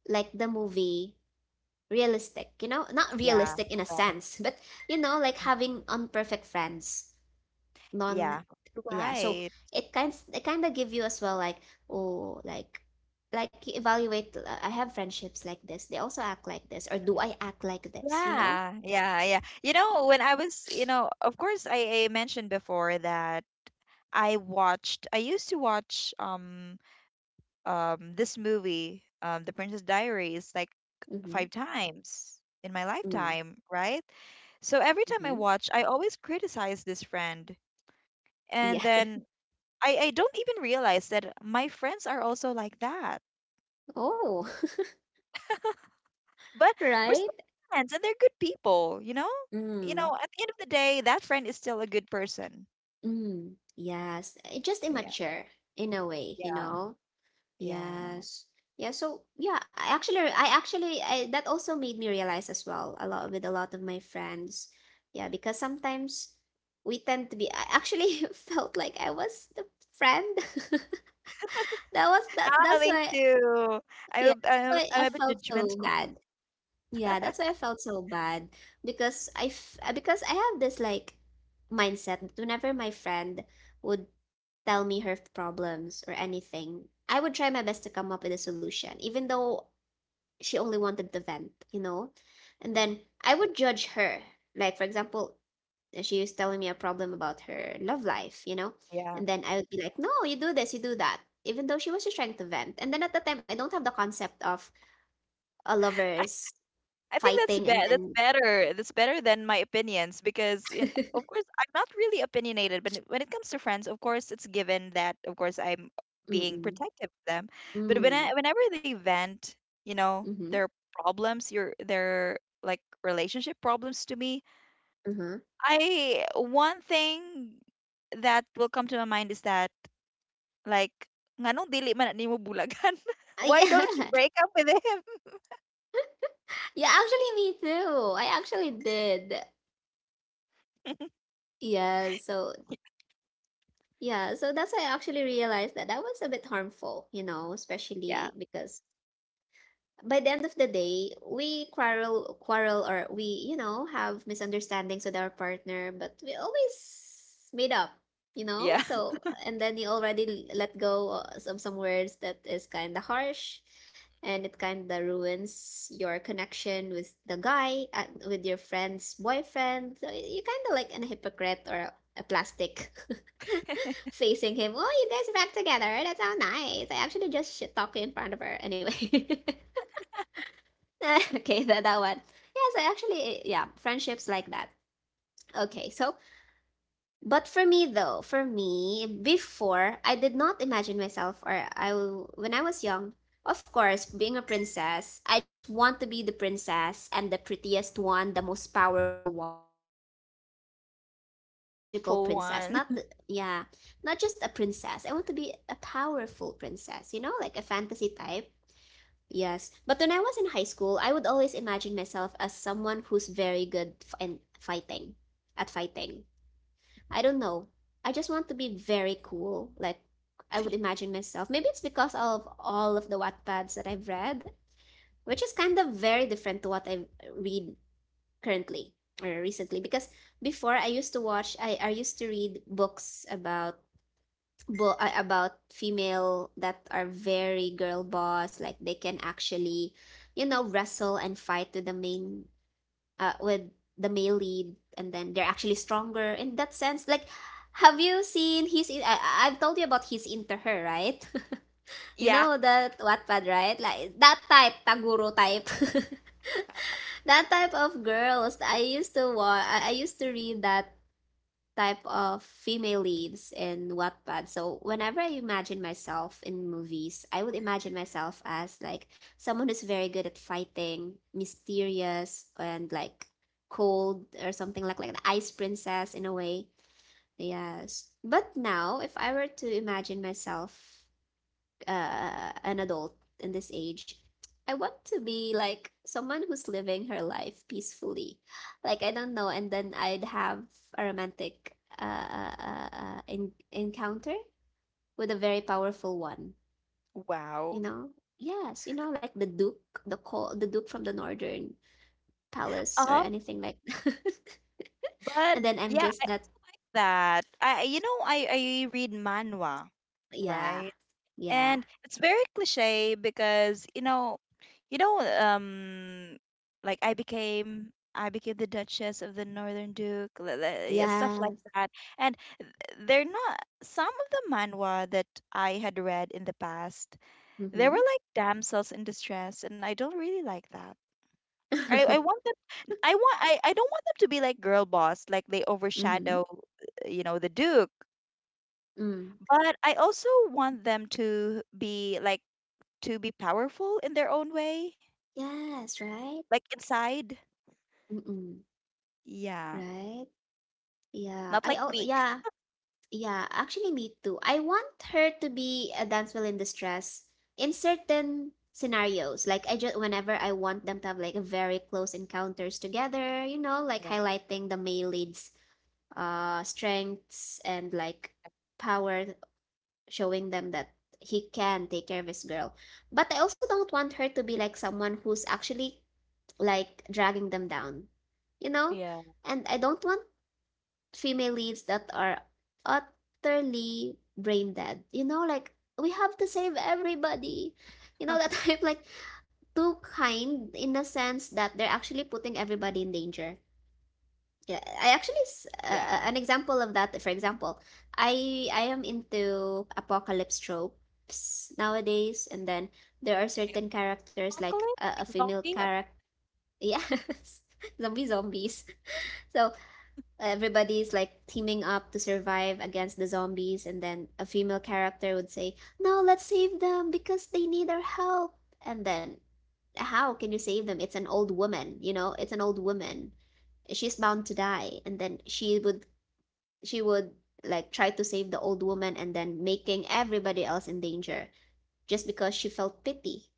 [SPEAKER 1] like the movie realistic, you know, not
[SPEAKER 2] Yeah.
[SPEAKER 1] realistic in a
[SPEAKER 2] Right.
[SPEAKER 1] sense, but you know, like
[SPEAKER 2] Mm.
[SPEAKER 1] having unperfect friends, non,
[SPEAKER 2] Yeah.
[SPEAKER 1] yeah, so
[SPEAKER 2] Right.
[SPEAKER 1] it kind it kind of give you as well like, oh, like like you evaluate. uh, I have friendships like this, they also act like this, or do
[SPEAKER 2] Mhm.
[SPEAKER 1] I act like this, you know?
[SPEAKER 2] Yeah, yeah, yeah. You know, when I was, you know, of course, I, I mentioned before that I watched, I used to watch, um um this movie, um, The Princess Diaries, like
[SPEAKER 1] Mm-hmm,
[SPEAKER 2] five times in my
[SPEAKER 1] mm-hmm.
[SPEAKER 2] lifetime, right? So every time I
[SPEAKER 1] Mm-hmm,
[SPEAKER 2] watch, I always criticize this friend. And
[SPEAKER 1] yeah.
[SPEAKER 2] then I, I don't even realize that my friends are also like that.
[SPEAKER 1] Oh.
[SPEAKER 2] But we're
[SPEAKER 1] Right.
[SPEAKER 2] still friends and they're good people, you know? You
[SPEAKER 1] Mm.
[SPEAKER 2] know, at the end of the day, that friend is still a good person.
[SPEAKER 1] Mm. Yes, it just
[SPEAKER 2] Yeah.
[SPEAKER 1] immature in a way, you
[SPEAKER 2] Yeah.
[SPEAKER 1] know?
[SPEAKER 2] Yeah.
[SPEAKER 1] Yes. Yeah, so yeah, I actually I actually I that also made me realize as well a lot with a lot of my friends. Yeah, because sometimes we tend to be, I actually felt like I was the friend. That was that
[SPEAKER 2] Ah,
[SPEAKER 1] that's
[SPEAKER 2] me
[SPEAKER 1] why,
[SPEAKER 2] too.
[SPEAKER 1] yeah,
[SPEAKER 2] I,
[SPEAKER 1] that's
[SPEAKER 2] I'm,
[SPEAKER 1] why I
[SPEAKER 2] I'm a bit
[SPEAKER 1] felt so
[SPEAKER 2] judgmental.
[SPEAKER 1] bad. Yeah, that's why I felt so bad because I f- because I have this like mindset that whenever my friend would tell me her problems or anything, I would try my best to come up with a solution, even though she only wanted to vent, you know? And
[SPEAKER 2] Mm,
[SPEAKER 1] then I would judge her. Like, for example, she was telling me a problem about her love life, you know?
[SPEAKER 2] yeah,
[SPEAKER 1] And then I would be like, no, you do this, you do that. Even though she was just trying to vent. And then at the time, I don't have the concept of a lovers
[SPEAKER 2] I think that's
[SPEAKER 1] fighting and
[SPEAKER 2] be- that's
[SPEAKER 1] then.
[SPEAKER 2] better. That's better than my opinions because, you know, of course, I'm not really opinionated. But when it comes to friends, of course, it's given that, of course, I'm being
[SPEAKER 1] Mm-mm.
[SPEAKER 2] protective of them. But when I,
[SPEAKER 1] Mm.
[SPEAKER 2] whenever they vent, you know,
[SPEAKER 1] Mm-hmm.
[SPEAKER 2] their problems, your their, like, relationship problems to me,
[SPEAKER 1] Mm-hmm.
[SPEAKER 2] I one thing that will come to my mind is that, like, nganong dili man nimo bulagan?
[SPEAKER 1] Uh,
[SPEAKER 2] Why don't you
[SPEAKER 1] yeah.
[SPEAKER 2] break up with him?
[SPEAKER 1] Yeah, actually, me too. I actually did. Yeah, so yeah, so that's, I actually realized that that was a bit harmful, you know,
[SPEAKER 2] Yeah.
[SPEAKER 1] especially because by the end of the day, we quarrel, quarrel, or we, you know, have misunderstandings with our partner, but we always made up, you know?
[SPEAKER 2] Yeah.
[SPEAKER 1] So, and then you already let go of some, some words that is kind of harsh, and it kind of ruins your connection with the guy, uh, with your friend's boyfriend. So, you kind of like an hypocrite or a, a plastic facing him. Oh, you guys are back together. That's so nice. I actually just shit talk in front of her. Anyway. Okay, that, that one. Yes, I actually, yeah, friendships like that. Okay, so, but for me though, for me, before, I did not imagine myself, or I, w- when I was young, of course, being a princess, I just want to be the princess and the prettiest one, the most powerful one, because I, when I want to be a
[SPEAKER 2] The
[SPEAKER 1] princess, I
[SPEAKER 2] power-
[SPEAKER 1] want
[SPEAKER 2] the
[SPEAKER 1] to be
[SPEAKER 2] most
[SPEAKER 1] a
[SPEAKER 2] powerful
[SPEAKER 1] magical
[SPEAKER 2] one.
[SPEAKER 1] princess, not, the, yeah, not just a princess. I want to be a powerful princess, you know, like a fantasy type. Yes, but when I was in high school, I would always imagine myself as someone who's very good f- in fighting, at fighting. I don't know. I just want to be very cool. Like I would imagine myself. Maybe it's because of all of the Wattpads that I've read, which is kind of very different to what I read currently or recently. Because before I used to watch, I, I used to read books about bo- uh, about female that are very girl boss, like they can actually, you know, wrestle and fight with the main, uh, with the male lead, and then they're actually stronger in that sense. Like, have you seen his in-? I- I- I've told you about his into her, right? You
[SPEAKER 2] Yeah.
[SPEAKER 1] know, that Wattpad, right? Like that type, taguro type. That type of girls I used to watch I I used to read that type of female leads in Wattpad. So whenever I imagine myself in movies, I would imagine myself as like someone who's very good at fighting, mysterious, and like cold or something, like like an ice princess in a way. Yes. But now if I were to imagine myself uh, an adult in this age, I want to be like someone who's living her life peacefully. Like, I don't know, and then I'd have a romantic uh, uh, uh, uh, in- encounter with a very powerful one. You
[SPEAKER 2] Wow.
[SPEAKER 1] know, yes, you know, like the Duke, the call, the Duke from the Northern Palace or
[SPEAKER 2] Uh,
[SPEAKER 1] anything like that.
[SPEAKER 2] but
[SPEAKER 1] And then I'm
[SPEAKER 2] yeah, I
[SPEAKER 1] just that,
[SPEAKER 2] also like that. I I- you know I I read manhwa,
[SPEAKER 1] yeah,
[SPEAKER 2] right?
[SPEAKER 1] yeah,
[SPEAKER 2] And it's very cliche because, you know, you know, um like i became i became the Duchess of the Northern Duke, li- li- yeah, stuff
[SPEAKER 1] yeah.
[SPEAKER 2] like that. And th- they're not, some of the manhwa that I had read in the past, they
[SPEAKER 1] Mm-hmm.
[SPEAKER 2] were like damsels in distress, and I don't really like that. I, I want them I want I, I don't want them to be like girl boss, like they
[SPEAKER 1] Mm-hmm.
[SPEAKER 2] overshadow, uh, you know, the duke.
[SPEAKER 1] Mm.
[SPEAKER 2] But I also want them to be like, to be powerful in their own way,
[SPEAKER 1] Yes, right?
[SPEAKER 2] like inside.
[SPEAKER 1] Mm-mm.
[SPEAKER 2] Yeah,
[SPEAKER 1] Right? Yeah.
[SPEAKER 2] not
[SPEAKER 1] I,
[SPEAKER 2] like
[SPEAKER 1] oh
[SPEAKER 2] weak.
[SPEAKER 1] yeah. Yeah, actually me too. I want her to be a dance well villain distress in certain scenarios. Like, I just whenever I want them to have like a very close encounters together, you know, like
[SPEAKER 2] Yeah,
[SPEAKER 1] highlighting the male lead's uh strengths and like power, showing them that he can take care of his girl. But I also don't want her to be like someone who's actually like dragging them down, you know?
[SPEAKER 2] yeah.
[SPEAKER 1] And I don't want female leads that are utterly brain dead. You know, like we have to save everybody. You know, that type, like too kind in the sense that they're actually putting everybody in danger. Yeah, I actually
[SPEAKER 2] Yeah.
[SPEAKER 1] uh, uh, an example of that. For example, I I am into apocalypse tropes nowadays, and then
[SPEAKER 2] Really?
[SPEAKER 1] there are certain characters
[SPEAKER 2] Apocalypse?
[SPEAKER 1] like
[SPEAKER 2] Like
[SPEAKER 1] a, a
[SPEAKER 2] zombie?
[SPEAKER 1] female
[SPEAKER 2] apo-
[SPEAKER 1] character. Yes, zombie zombies. So everybody's like teaming up to survive against the zombies, and then a female character would say, no, let's save them because they need our help, and then how can you save them? It's an old woman, you know, it's an old woman, she's bound to die, and then she would she would like try to save the old woman and then making everybody else in danger just because she felt pity.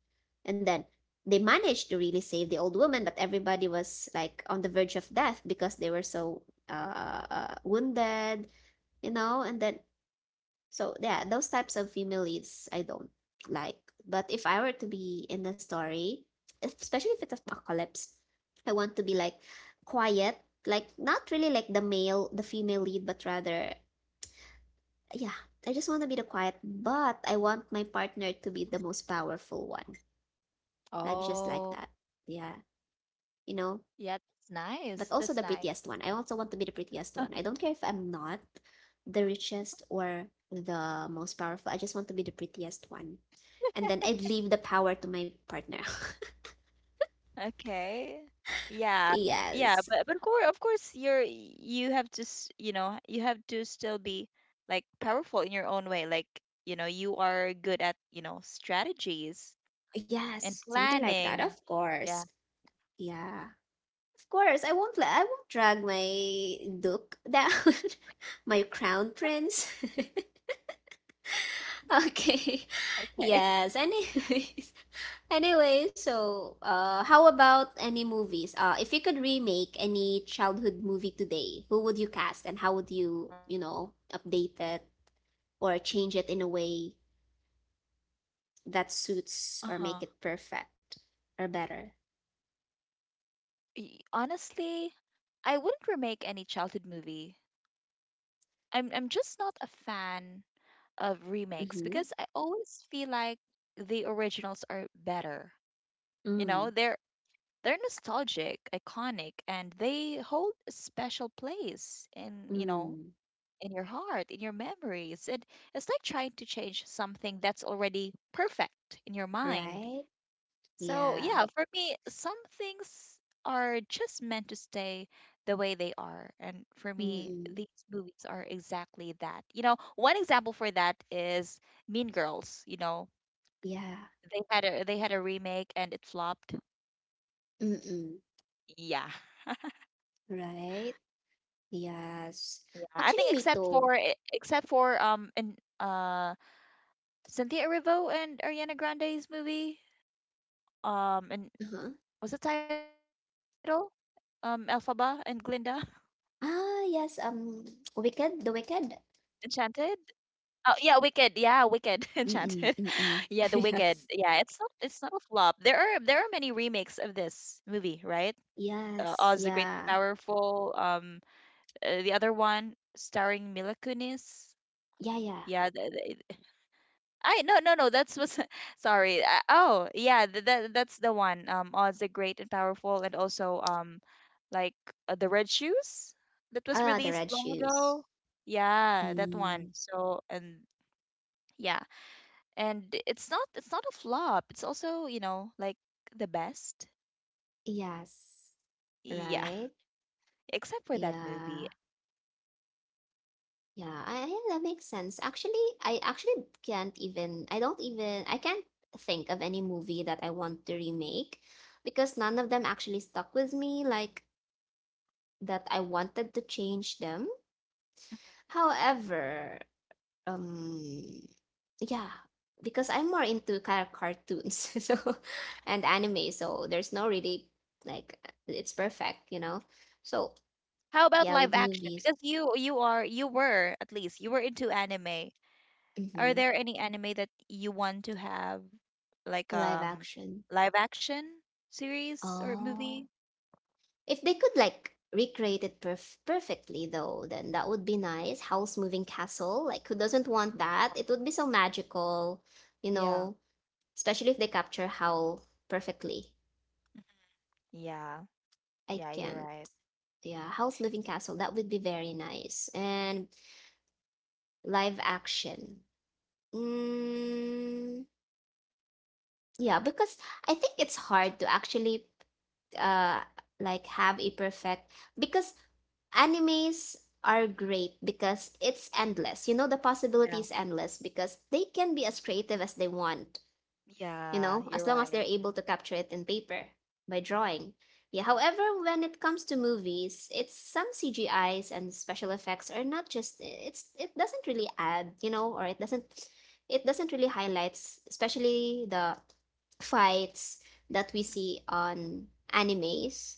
[SPEAKER 1] And then they managed to really save the old woman, but everybody was like on the verge of death because they were so uh, uh, wounded, you know? And then, so yeah, those types of female leads I don't like. But if I were to be in the story, especially if it's apocalypse, I want to be like quiet, like not really like the male, the female lead, but rather, yeah, I just want to be the quiet, but I want my partner to be the most powerful one, like just like
[SPEAKER 2] Oh,
[SPEAKER 1] that, yeah, you know?
[SPEAKER 2] yeah, that's
[SPEAKER 1] But
[SPEAKER 2] nice.
[SPEAKER 1] also
[SPEAKER 2] That's
[SPEAKER 1] the
[SPEAKER 2] nice.
[SPEAKER 1] prettiest one, I also want to be the prettiest one. I don't care if I'm not the richest or the most powerful, I just want to be the prettiest one, and then I'd leave the power to my partner.
[SPEAKER 2] Okay. Yeah. Yeah,
[SPEAKER 1] Yes.
[SPEAKER 2] but but of course, of course, you're you have to, s- you know, you have to still be, like, powerful in your own way. Like, you know, you are good at, you know, strategies
[SPEAKER 1] Yes,
[SPEAKER 2] and
[SPEAKER 1] something like that, of
[SPEAKER 2] planning.
[SPEAKER 1] course.
[SPEAKER 2] Yeah.
[SPEAKER 1] Yeah, of course i won't let I won't drag my duke down. My crown prince. Okay.
[SPEAKER 2] Okay.
[SPEAKER 1] Yes. Anyways. Anyway, so uh how about any movies? Uh, if you could remake any childhood movie today, who would you cast and how would you, you know, update it or change it in a way that
[SPEAKER 2] Uh-huh.
[SPEAKER 1] suits or make it perfect or better?
[SPEAKER 2] Y- Honestly, I wouldn't remake any childhood movie. I'm I'm just not a fan of remakes
[SPEAKER 1] Mm-hmm.
[SPEAKER 2] because I always feel like the originals are better. You
[SPEAKER 1] Mm.
[SPEAKER 2] know, they're they're nostalgic, iconic, and they hold a special place in, you know,
[SPEAKER 1] Mm.
[SPEAKER 2] in your heart, in your memories. It it's like trying to change something that's already perfect in your mind.
[SPEAKER 1] Right?
[SPEAKER 2] So,
[SPEAKER 1] Yeah.
[SPEAKER 2] yeah, for me, some things are just meant to stay the way they are. And for me,
[SPEAKER 1] Mm-mm.
[SPEAKER 2] these movies are exactly that. You know, one example for that is Mean Girls, you know.
[SPEAKER 1] Yeah.
[SPEAKER 2] They had a they had a remake and it flopped.
[SPEAKER 1] Mm-mm.
[SPEAKER 2] Yeah.
[SPEAKER 1] Right? Yes.
[SPEAKER 2] Yeah, I
[SPEAKER 1] Actually,
[SPEAKER 2] think
[SPEAKER 1] me
[SPEAKER 2] except
[SPEAKER 1] too.
[SPEAKER 2] for e- except for, um and uh Cynthia Erivo and Ariana Grande's movie, um and
[SPEAKER 1] Uh-huh.
[SPEAKER 2] what's the title? Um Elphaba and Glinda.
[SPEAKER 1] Ah, yes, um, Wicked? The Wicked?
[SPEAKER 2] Enchanted. Oh yeah, Wicked. Yeah, Wicked. Enchanted.
[SPEAKER 1] Mm,
[SPEAKER 2] Yeah, The
[SPEAKER 1] mm.
[SPEAKER 2] Wicked. Yeah, it's not
[SPEAKER 1] Yes.
[SPEAKER 2] it's not a flop. There are, there are many remakes of this movie, right? Uh, Oz the
[SPEAKER 1] Yes,
[SPEAKER 2] Great and
[SPEAKER 1] yeah.
[SPEAKER 2] Powerful. Um, uh, the other one, starring Mila Kunis.
[SPEAKER 1] Yeah, yeah.
[SPEAKER 2] Yeah, the, the- I, no no no. That's was sorry. Uh, oh yeah, th that that's the one. Um, Oz the Great and Powerful, and also, um, like uh, the Red Shoes, that was
[SPEAKER 1] Ah, the
[SPEAKER 2] released
[SPEAKER 1] red
[SPEAKER 2] long
[SPEAKER 1] shoes.
[SPEAKER 2] ago. Yeah, that one.
[SPEAKER 1] Mm,
[SPEAKER 2] So and yeah. And it's not it's not a flop, it's also, you know, like the best.
[SPEAKER 1] yes,
[SPEAKER 2] Yeah.
[SPEAKER 1] right?
[SPEAKER 2] Except for that movie.
[SPEAKER 1] Yeah. Yeah, I, I- that makes sense. Actually, I actually can't even, I don't even, I can't think of any movie that I want to remake because none of them actually stuck with me, like that I wanted to change them. However, um, yeah, because I'm more into kind of cartoons, so and anime, so there's no really like it's perfect, you know. So
[SPEAKER 2] How about
[SPEAKER 1] yeah, with
[SPEAKER 2] live action?
[SPEAKER 1] movies,
[SPEAKER 2] Because you you are you were, at least you were into anime. Are
[SPEAKER 1] mm-hmm.
[SPEAKER 2] there any anime that you want to have, like,
[SPEAKER 1] A live
[SPEAKER 2] um
[SPEAKER 1] action.
[SPEAKER 2] live action series or movie?
[SPEAKER 1] Oh, if they could like recreate it perf perfectly though, then that would be nice. House moving castle, like who doesn't want that? It would be so magical, you
[SPEAKER 2] Yeah,
[SPEAKER 1] know, especially if they capture how perfectly.
[SPEAKER 2] yeah,
[SPEAKER 1] I
[SPEAKER 2] yeah, you're
[SPEAKER 1] can't.
[SPEAKER 2] right.
[SPEAKER 1] Yeah, House Moving Castle. That would be very nice. And live action. Mm, yeah, because I think it's hard to actually uh like have a perfect because animes are great because it's endless. You know, the possibility
[SPEAKER 2] Yeah,
[SPEAKER 1] is endless because they can be as creative as they want. You
[SPEAKER 2] yeah,
[SPEAKER 1] know,
[SPEAKER 2] you're
[SPEAKER 1] as long as they're
[SPEAKER 2] right.
[SPEAKER 1] able to capture it in paper by drawing. Yeah, however, when it comes to movies, it's some C G Is and special effects are not just it's it doesn't really add, you know, or it doesn't it doesn't really highlights especially the fights that we see on animes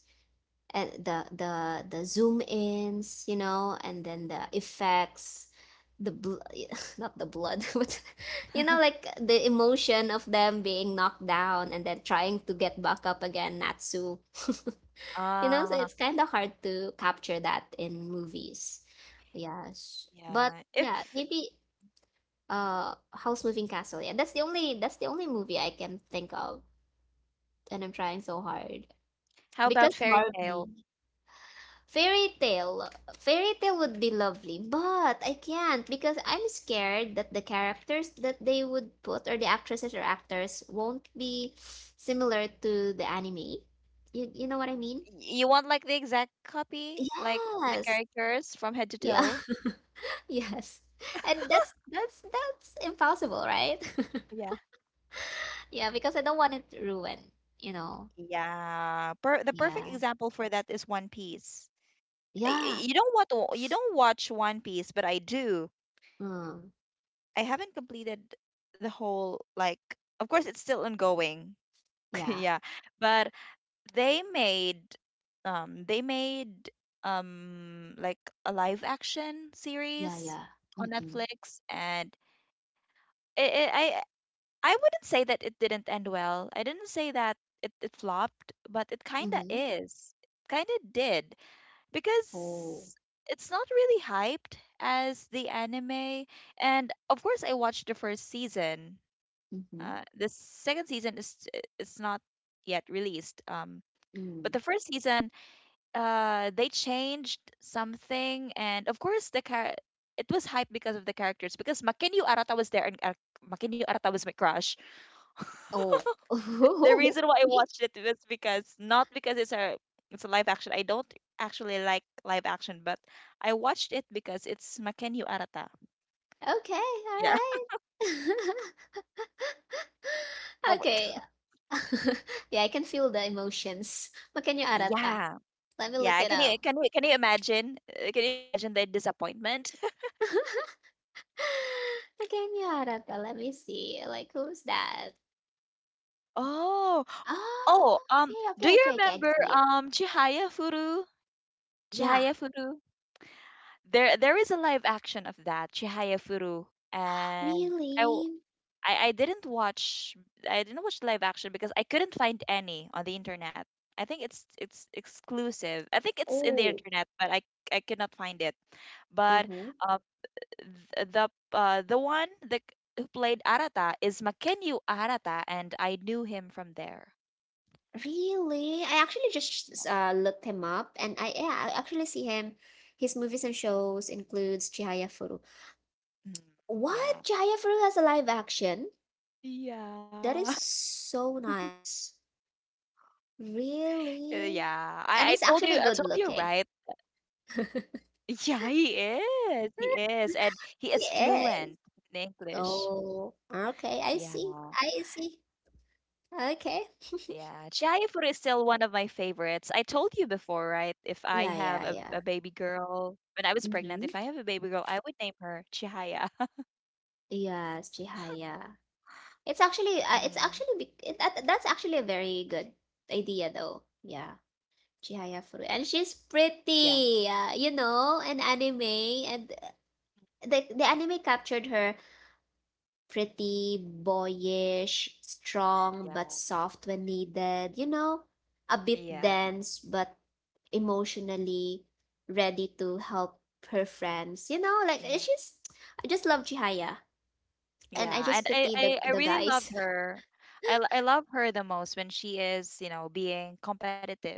[SPEAKER 1] and the the the zoom ins, you know, and then the effects, the bl- not the blood, but you know, like the emotion of them being knocked down and then trying to get back up again, natsu. You know, so
[SPEAKER 2] Ah,
[SPEAKER 1] it's kind of hard to capture that in movies. Yes, but
[SPEAKER 2] yeah.
[SPEAKER 1] yeah,
[SPEAKER 2] If.
[SPEAKER 1] maybe uh house moving castle. Yeah, that's the only that's the only movie I can think of, and I'm trying so hard
[SPEAKER 2] How about
[SPEAKER 1] because
[SPEAKER 2] fairy tale?
[SPEAKER 1] Barbie. Fairy tale. Fairy tale would be lovely, but I can't because I'm scared that the characters that they would put, or the actresses or actors, won't be similar to the anime. You, you know what I mean?
[SPEAKER 2] You want, like, the exact copy, like the
[SPEAKER 1] Yes.
[SPEAKER 2] characters from head to
[SPEAKER 1] Yeah.
[SPEAKER 2] toe?
[SPEAKER 1] Yes. And that's that's that's impossible, right?
[SPEAKER 2] Yeah.
[SPEAKER 1] Yeah, because I don't want it ruined, you know.
[SPEAKER 2] Yeah, per the perfect
[SPEAKER 1] Yeah.
[SPEAKER 2] example for that is One Piece. Y- y-
[SPEAKER 1] Yeah.
[SPEAKER 2] You don't want to, you don't watch One Piece, but I do.
[SPEAKER 1] Mm.
[SPEAKER 2] I haven't completed the whole, like, of course it's still ongoing.
[SPEAKER 1] Yeah.
[SPEAKER 2] Yeah, but they made, um they made, um like a live action
[SPEAKER 1] Yeah,
[SPEAKER 2] series
[SPEAKER 1] yeah.
[SPEAKER 2] on
[SPEAKER 1] Mm-mm.
[SPEAKER 2] Netflix, and it, it, I I wouldn't say that it didn't end well. I didn't say that it, it flopped, but it kind of
[SPEAKER 1] Mm-hmm.
[SPEAKER 2] is. It kind of did.
[SPEAKER 1] Oh.
[SPEAKER 2] Because it's not really hyped as the anime. And of course, I watched the first season.
[SPEAKER 1] Mm-hmm.
[SPEAKER 2] Uh, the second season is is not yet released. Um, but
[SPEAKER 1] Mm.
[SPEAKER 2] the first season, uh, they changed something, and of course, the car it was hyped because of the characters. Because Makinyu Arata was there, and uh, Makinyu Arata was my crush.
[SPEAKER 1] Oh.
[SPEAKER 2] The reason why I
[SPEAKER 1] Okay.
[SPEAKER 2] watched it was because, not because it's a, it's a live action. I don't actually like live action, but I watched it because it's Makenyu Arata.
[SPEAKER 1] Okay, all
[SPEAKER 2] Yeah.
[SPEAKER 1] right.
[SPEAKER 2] Oh my
[SPEAKER 1] Okay.
[SPEAKER 2] God.
[SPEAKER 1] Yeah, I can feel the emotions. Makan yung arata.
[SPEAKER 2] Yeah.
[SPEAKER 1] Let me look
[SPEAKER 2] Yeah.
[SPEAKER 1] it
[SPEAKER 2] Can you
[SPEAKER 1] up.
[SPEAKER 2] can you can you imagine? Uh, can you imagine the disappointment?
[SPEAKER 1] Makan yung arata. Let me see. Like, who's that?
[SPEAKER 2] Oh. Oh,
[SPEAKER 1] Oh,
[SPEAKER 2] um,
[SPEAKER 1] okay,
[SPEAKER 2] do
[SPEAKER 1] okay,
[SPEAKER 2] you
[SPEAKER 1] okay, okay. I can
[SPEAKER 2] remember,
[SPEAKER 1] see it.
[SPEAKER 2] um, Chihaya Furu?
[SPEAKER 1] Yeah.
[SPEAKER 2] Chihaya Furu? There, there is a live action of that, Chihaya Furu. And I
[SPEAKER 1] Really?
[SPEAKER 2] I, I didn't watch, I didn't watch live action because I couldn't find any on the internet. I think it's it's exclusive. I think it's in the
[SPEAKER 1] Oh.
[SPEAKER 2] internet, but I I could not find it. But
[SPEAKER 1] Hmm.
[SPEAKER 2] um, th- the uh, the one that who played Arata is Makenyu Arata, and I knew him from there.
[SPEAKER 1] Really? I actually
[SPEAKER 2] Yeah.
[SPEAKER 1] just uh, looked him up, and I yeah, I actually see him. His movies and shows includes Chihaya.
[SPEAKER 2] Mhm. Yeah.
[SPEAKER 1] What? Jaya Fru has a live action? That
[SPEAKER 2] Yeah.
[SPEAKER 1] is so nice.
[SPEAKER 2] Uh, yeah.
[SPEAKER 1] Really?
[SPEAKER 2] I, I told
[SPEAKER 1] And
[SPEAKER 2] you
[SPEAKER 1] it's
[SPEAKER 2] I told
[SPEAKER 1] actually
[SPEAKER 2] you,
[SPEAKER 1] good
[SPEAKER 2] right.
[SPEAKER 1] looking.
[SPEAKER 2] Yeah, he is. He is. And he is fluent
[SPEAKER 1] Yes.
[SPEAKER 2] in English.
[SPEAKER 1] Oh, okay. I see.
[SPEAKER 2] Yeah.
[SPEAKER 1] I see. Okay.
[SPEAKER 2] Yeah, chia fruit is still one of my favorites. I told you before, right? If I
[SPEAKER 1] Yeah,
[SPEAKER 2] have
[SPEAKER 1] yeah,
[SPEAKER 2] a,
[SPEAKER 1] yeah.
[SPEAKER 2] a baby girl, when I was pregnant,
[SPEAKER 1] Mm-hmm.
[SPEAKER 2] if I have a baby girl, I would name her Chihaya.
[SPEAKER 1] Yes, Chihaya. It's actually, uh, it's
[SPEAKER 2] Hmm.
[SPEAKER 1] actually, bec- it, that, that's actually a very good idea, though. Yeah, Chihaya Furu, and she's
[SPEAKER 2] Yeah,
[SPEAKER 1] pretty. Uh, you know, an anime, and uh, the the anime captured her pretty, boyish, strong but
[SPEAKER 2] yeah,
[SPEAKER 1] soft when needed, you know, a bit
[SPEAKER 2] yeah,
[SPEAKER 1] dense but emotionally ready to help her friends. You know, like it's
[SPEAKER 2] yeah,
[SPEAKER 1] just I just love Chihaya, and I
[SPEAKER 2] yeah.
[SPEAKER 1] just
[SPEAKER 2] And I,
[SPEAKER 1] pity the
[SPEAKER 2] I, I
[SPEAKER 1] the
[SPEAKER 2] really loved
[SPEAKER 1] guys.
[SPEAKER 2] her. I, l- I love her the most when she is, you know, being competitive.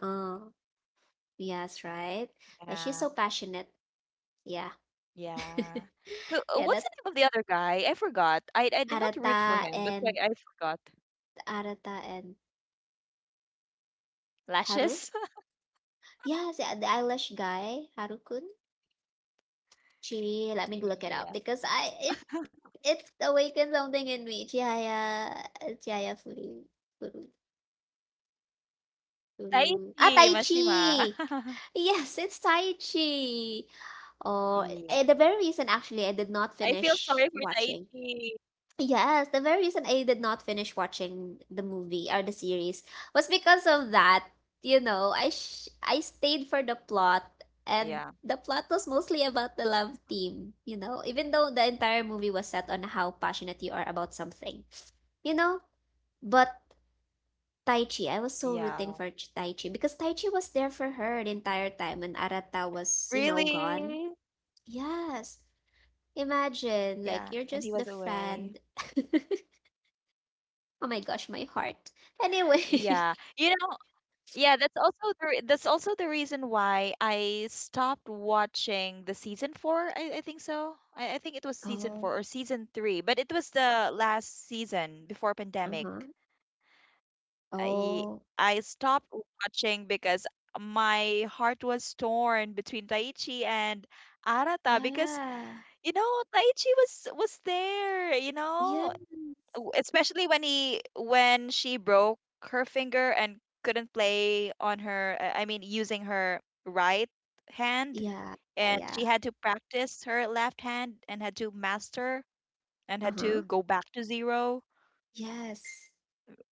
[SPEAKER 1] Oh, yes, right. Yeah,
[SPEAKER 2] Yeah,
[SPEAKER 1] she's so passionate. Yeah.
[SPEAKER 2] yeah. Who, uh,
[SPEAKER 1] Yeah,
[SPEAKER 2] what's
[SPEAKER 1] that
[SPEAKER 2] the name of the other guy? I forgot. I, I did not root for
[SPEAKER 1] Arata
[SPEAKER 2] him. That's why
[SPEAKER 1] and
[SPEAKER 2] I forgot.
[SPEAKER 1] Arata and Haru.
[SPEAKER 2] Lashes?
[SPEAKER 1] Yes, yeah, the eyelash guy, Harukun. She let me look it up
[SPEAKER 2] Yeah.
[SPEAKER 1] because I it it's awakened something in me. Chihaya, Chihaya Furu, Furu,
[SPEAKER 2] Taichi
[SPEAKER 1] Furu.
[SPEAKER 2] Mashima.
[SPEAKER 1] Ah, Tai Chi! Yes, it's Tai Chi.
[SPEAKER 2] Yeah.
[SPEAKER 1] Oh, eh, the very reason actually I did
[SPEAKER 2] I
[SPEAKER 1] not
[SPEAKER 2] feel sorry for
[SPEAKER 1] finish watching.
[SPEAKER 2] Taichi.
[SPEAKER 1] Yes, the very reason I did not finish watching the movie or the series was because of that. You know, I sh I stayed for the plot,
[SPEAKER 2] Yeah.
[SPEAKER 1] and the plot was mostly about the love team. You know, even though the entire movie was set on how passionate you are about something. You know. But Tai Chi, I was so
[SPEAKER 2] Yeah.
[SPEAKER 1] rooting for Ch- Tai Chi because Tai Chi was there for her the entire time, and Arata was, you know,
[SPEAKER 2] Really?
[SPEAKER 1] gone. Yes. Imagine,
[SPEAKER 2] Yeah.
[SPEAKER 1] like,
[SPEAKER 2] And
[SPEAKER 1] you're
[SPEAKER 2] he was
[SPEAKER 1] just the
[SPEAKER 2] away.
[SPEAKER 1] friend. Oh my gosh, my heart. Anyway.
[SPEAKER 2] Yeah. You know, yeah, that's also the re- that's also the reason why I stopped watching the season four. I, I think so. I, I think it was season
[SPEAKER 1] Oh,
[SPEAKER 2] four or season three, but it was the last season before pandemic.
[SPEAKER 1] uh-huh.
[SPEAKER 2] I
[SPEAKER 1] Oh,
[SPEAKER 2] I stopped watching because my heart was torn between Taichi and Arata. Because,
[SPEAKER 1] yeah.
[SPEAKER 2] you know, Taichi was was there, you
[SPEAKER 1] Yeah.
[SPEAKER 2] know. W- especially when he, when she broke her finger and couldn't play on her, uh, I mean, using her right hand,
[SPEAKER 1] Yeah.
[SPEAKER 2] and
[SPEAKER 1] Yeah.
[SPEAKER 2] she had to practice her left hand and had to master, and had
[SPEAKER 1] Uh-huh.
[SPEAKER 2] to go back to zero.
[SPEAKER 1] Yes.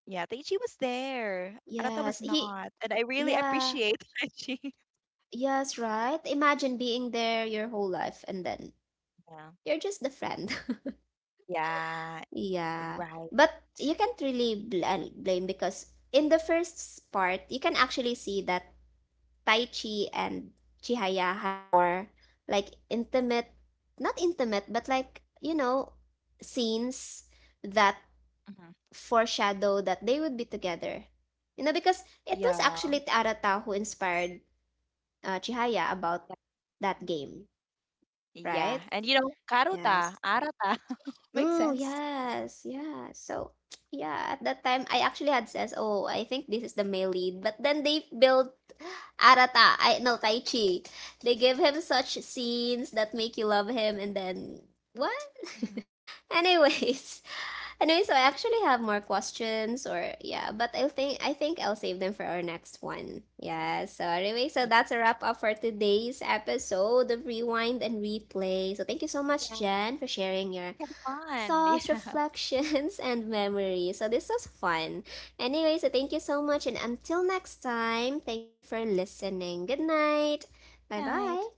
[SPEAKER 2] Yeah, Taichi was there. Arata
[SPEAKER 1] Yes.
[SPEAKER 2] was
[SPEAKER 1] He,
[SPEAKER 2] not, and I really
[SPEAKER 1] yeah.
[SPEAKER 2] appreciate Taichi.
[SPEAKER 1] Yes, right? Imagine being there your whole life, and then
[SPEAKER 2] Yeah.
[SPEAKER 1] you're just the friend.
[SPEAKER 2] Yeah.
[SPEAKER 1] Yeah,
[SPEAKER 2] Right.
[SPEAKER 1] but you can't really bl- uh, blame, because in the first part, you can actually see that Tai Chi and Chihaya had more like intimate, not intimate, but like, you know, scenes that
[SPEAKER 2] Hmm.
[SPEAKER 1] foreshadow that they would be together. You know, because it was
[SPEAKER 2] Yeah.
[SPEAKER 1] actually Arata who inspired uh, Chihaya about that game,
[SPEAKER 2] Yeah,
[SPEAKER 1] right?
[SPEAKER 2] and you know, karuta,
[SPEAKER 1] Yes.
[SPEAKER 2] Arata. Makes
[SPEAKER 1] Mm,
[SPEAKER 2] sense.
[SPEAKER 1] yes, yeah. So, yeah, at that time I actually had says, "Oh, I think this is the male lead." But then they built Arata, I no Tai Chi. They give him such scenes that make you love him, and then what? Anyways, anyway, so I actually have more questions or yeah, but I think I think I'll save them for our next one. Yeah, so anyway, so
[SPEAKER 2] Yeah.
[SPEAKER 1] that's a wrap up for today's episode of Rewind and Replay. So thank you so much,
[SPEAKER 2] Yeah.
[SPEAKER 1] Jen, for sharing your
[SPEAKER 2] Fun.
[SPEAKER 1] thoughts,
[SPEAKER 2] Yeah.
[SPEAKER 1] reflections, and memories. So this was fun. Anyway, so thank you so much. And until next time, thank you for listening. Good night. Bye bye.
[SPEAKER 2] Night.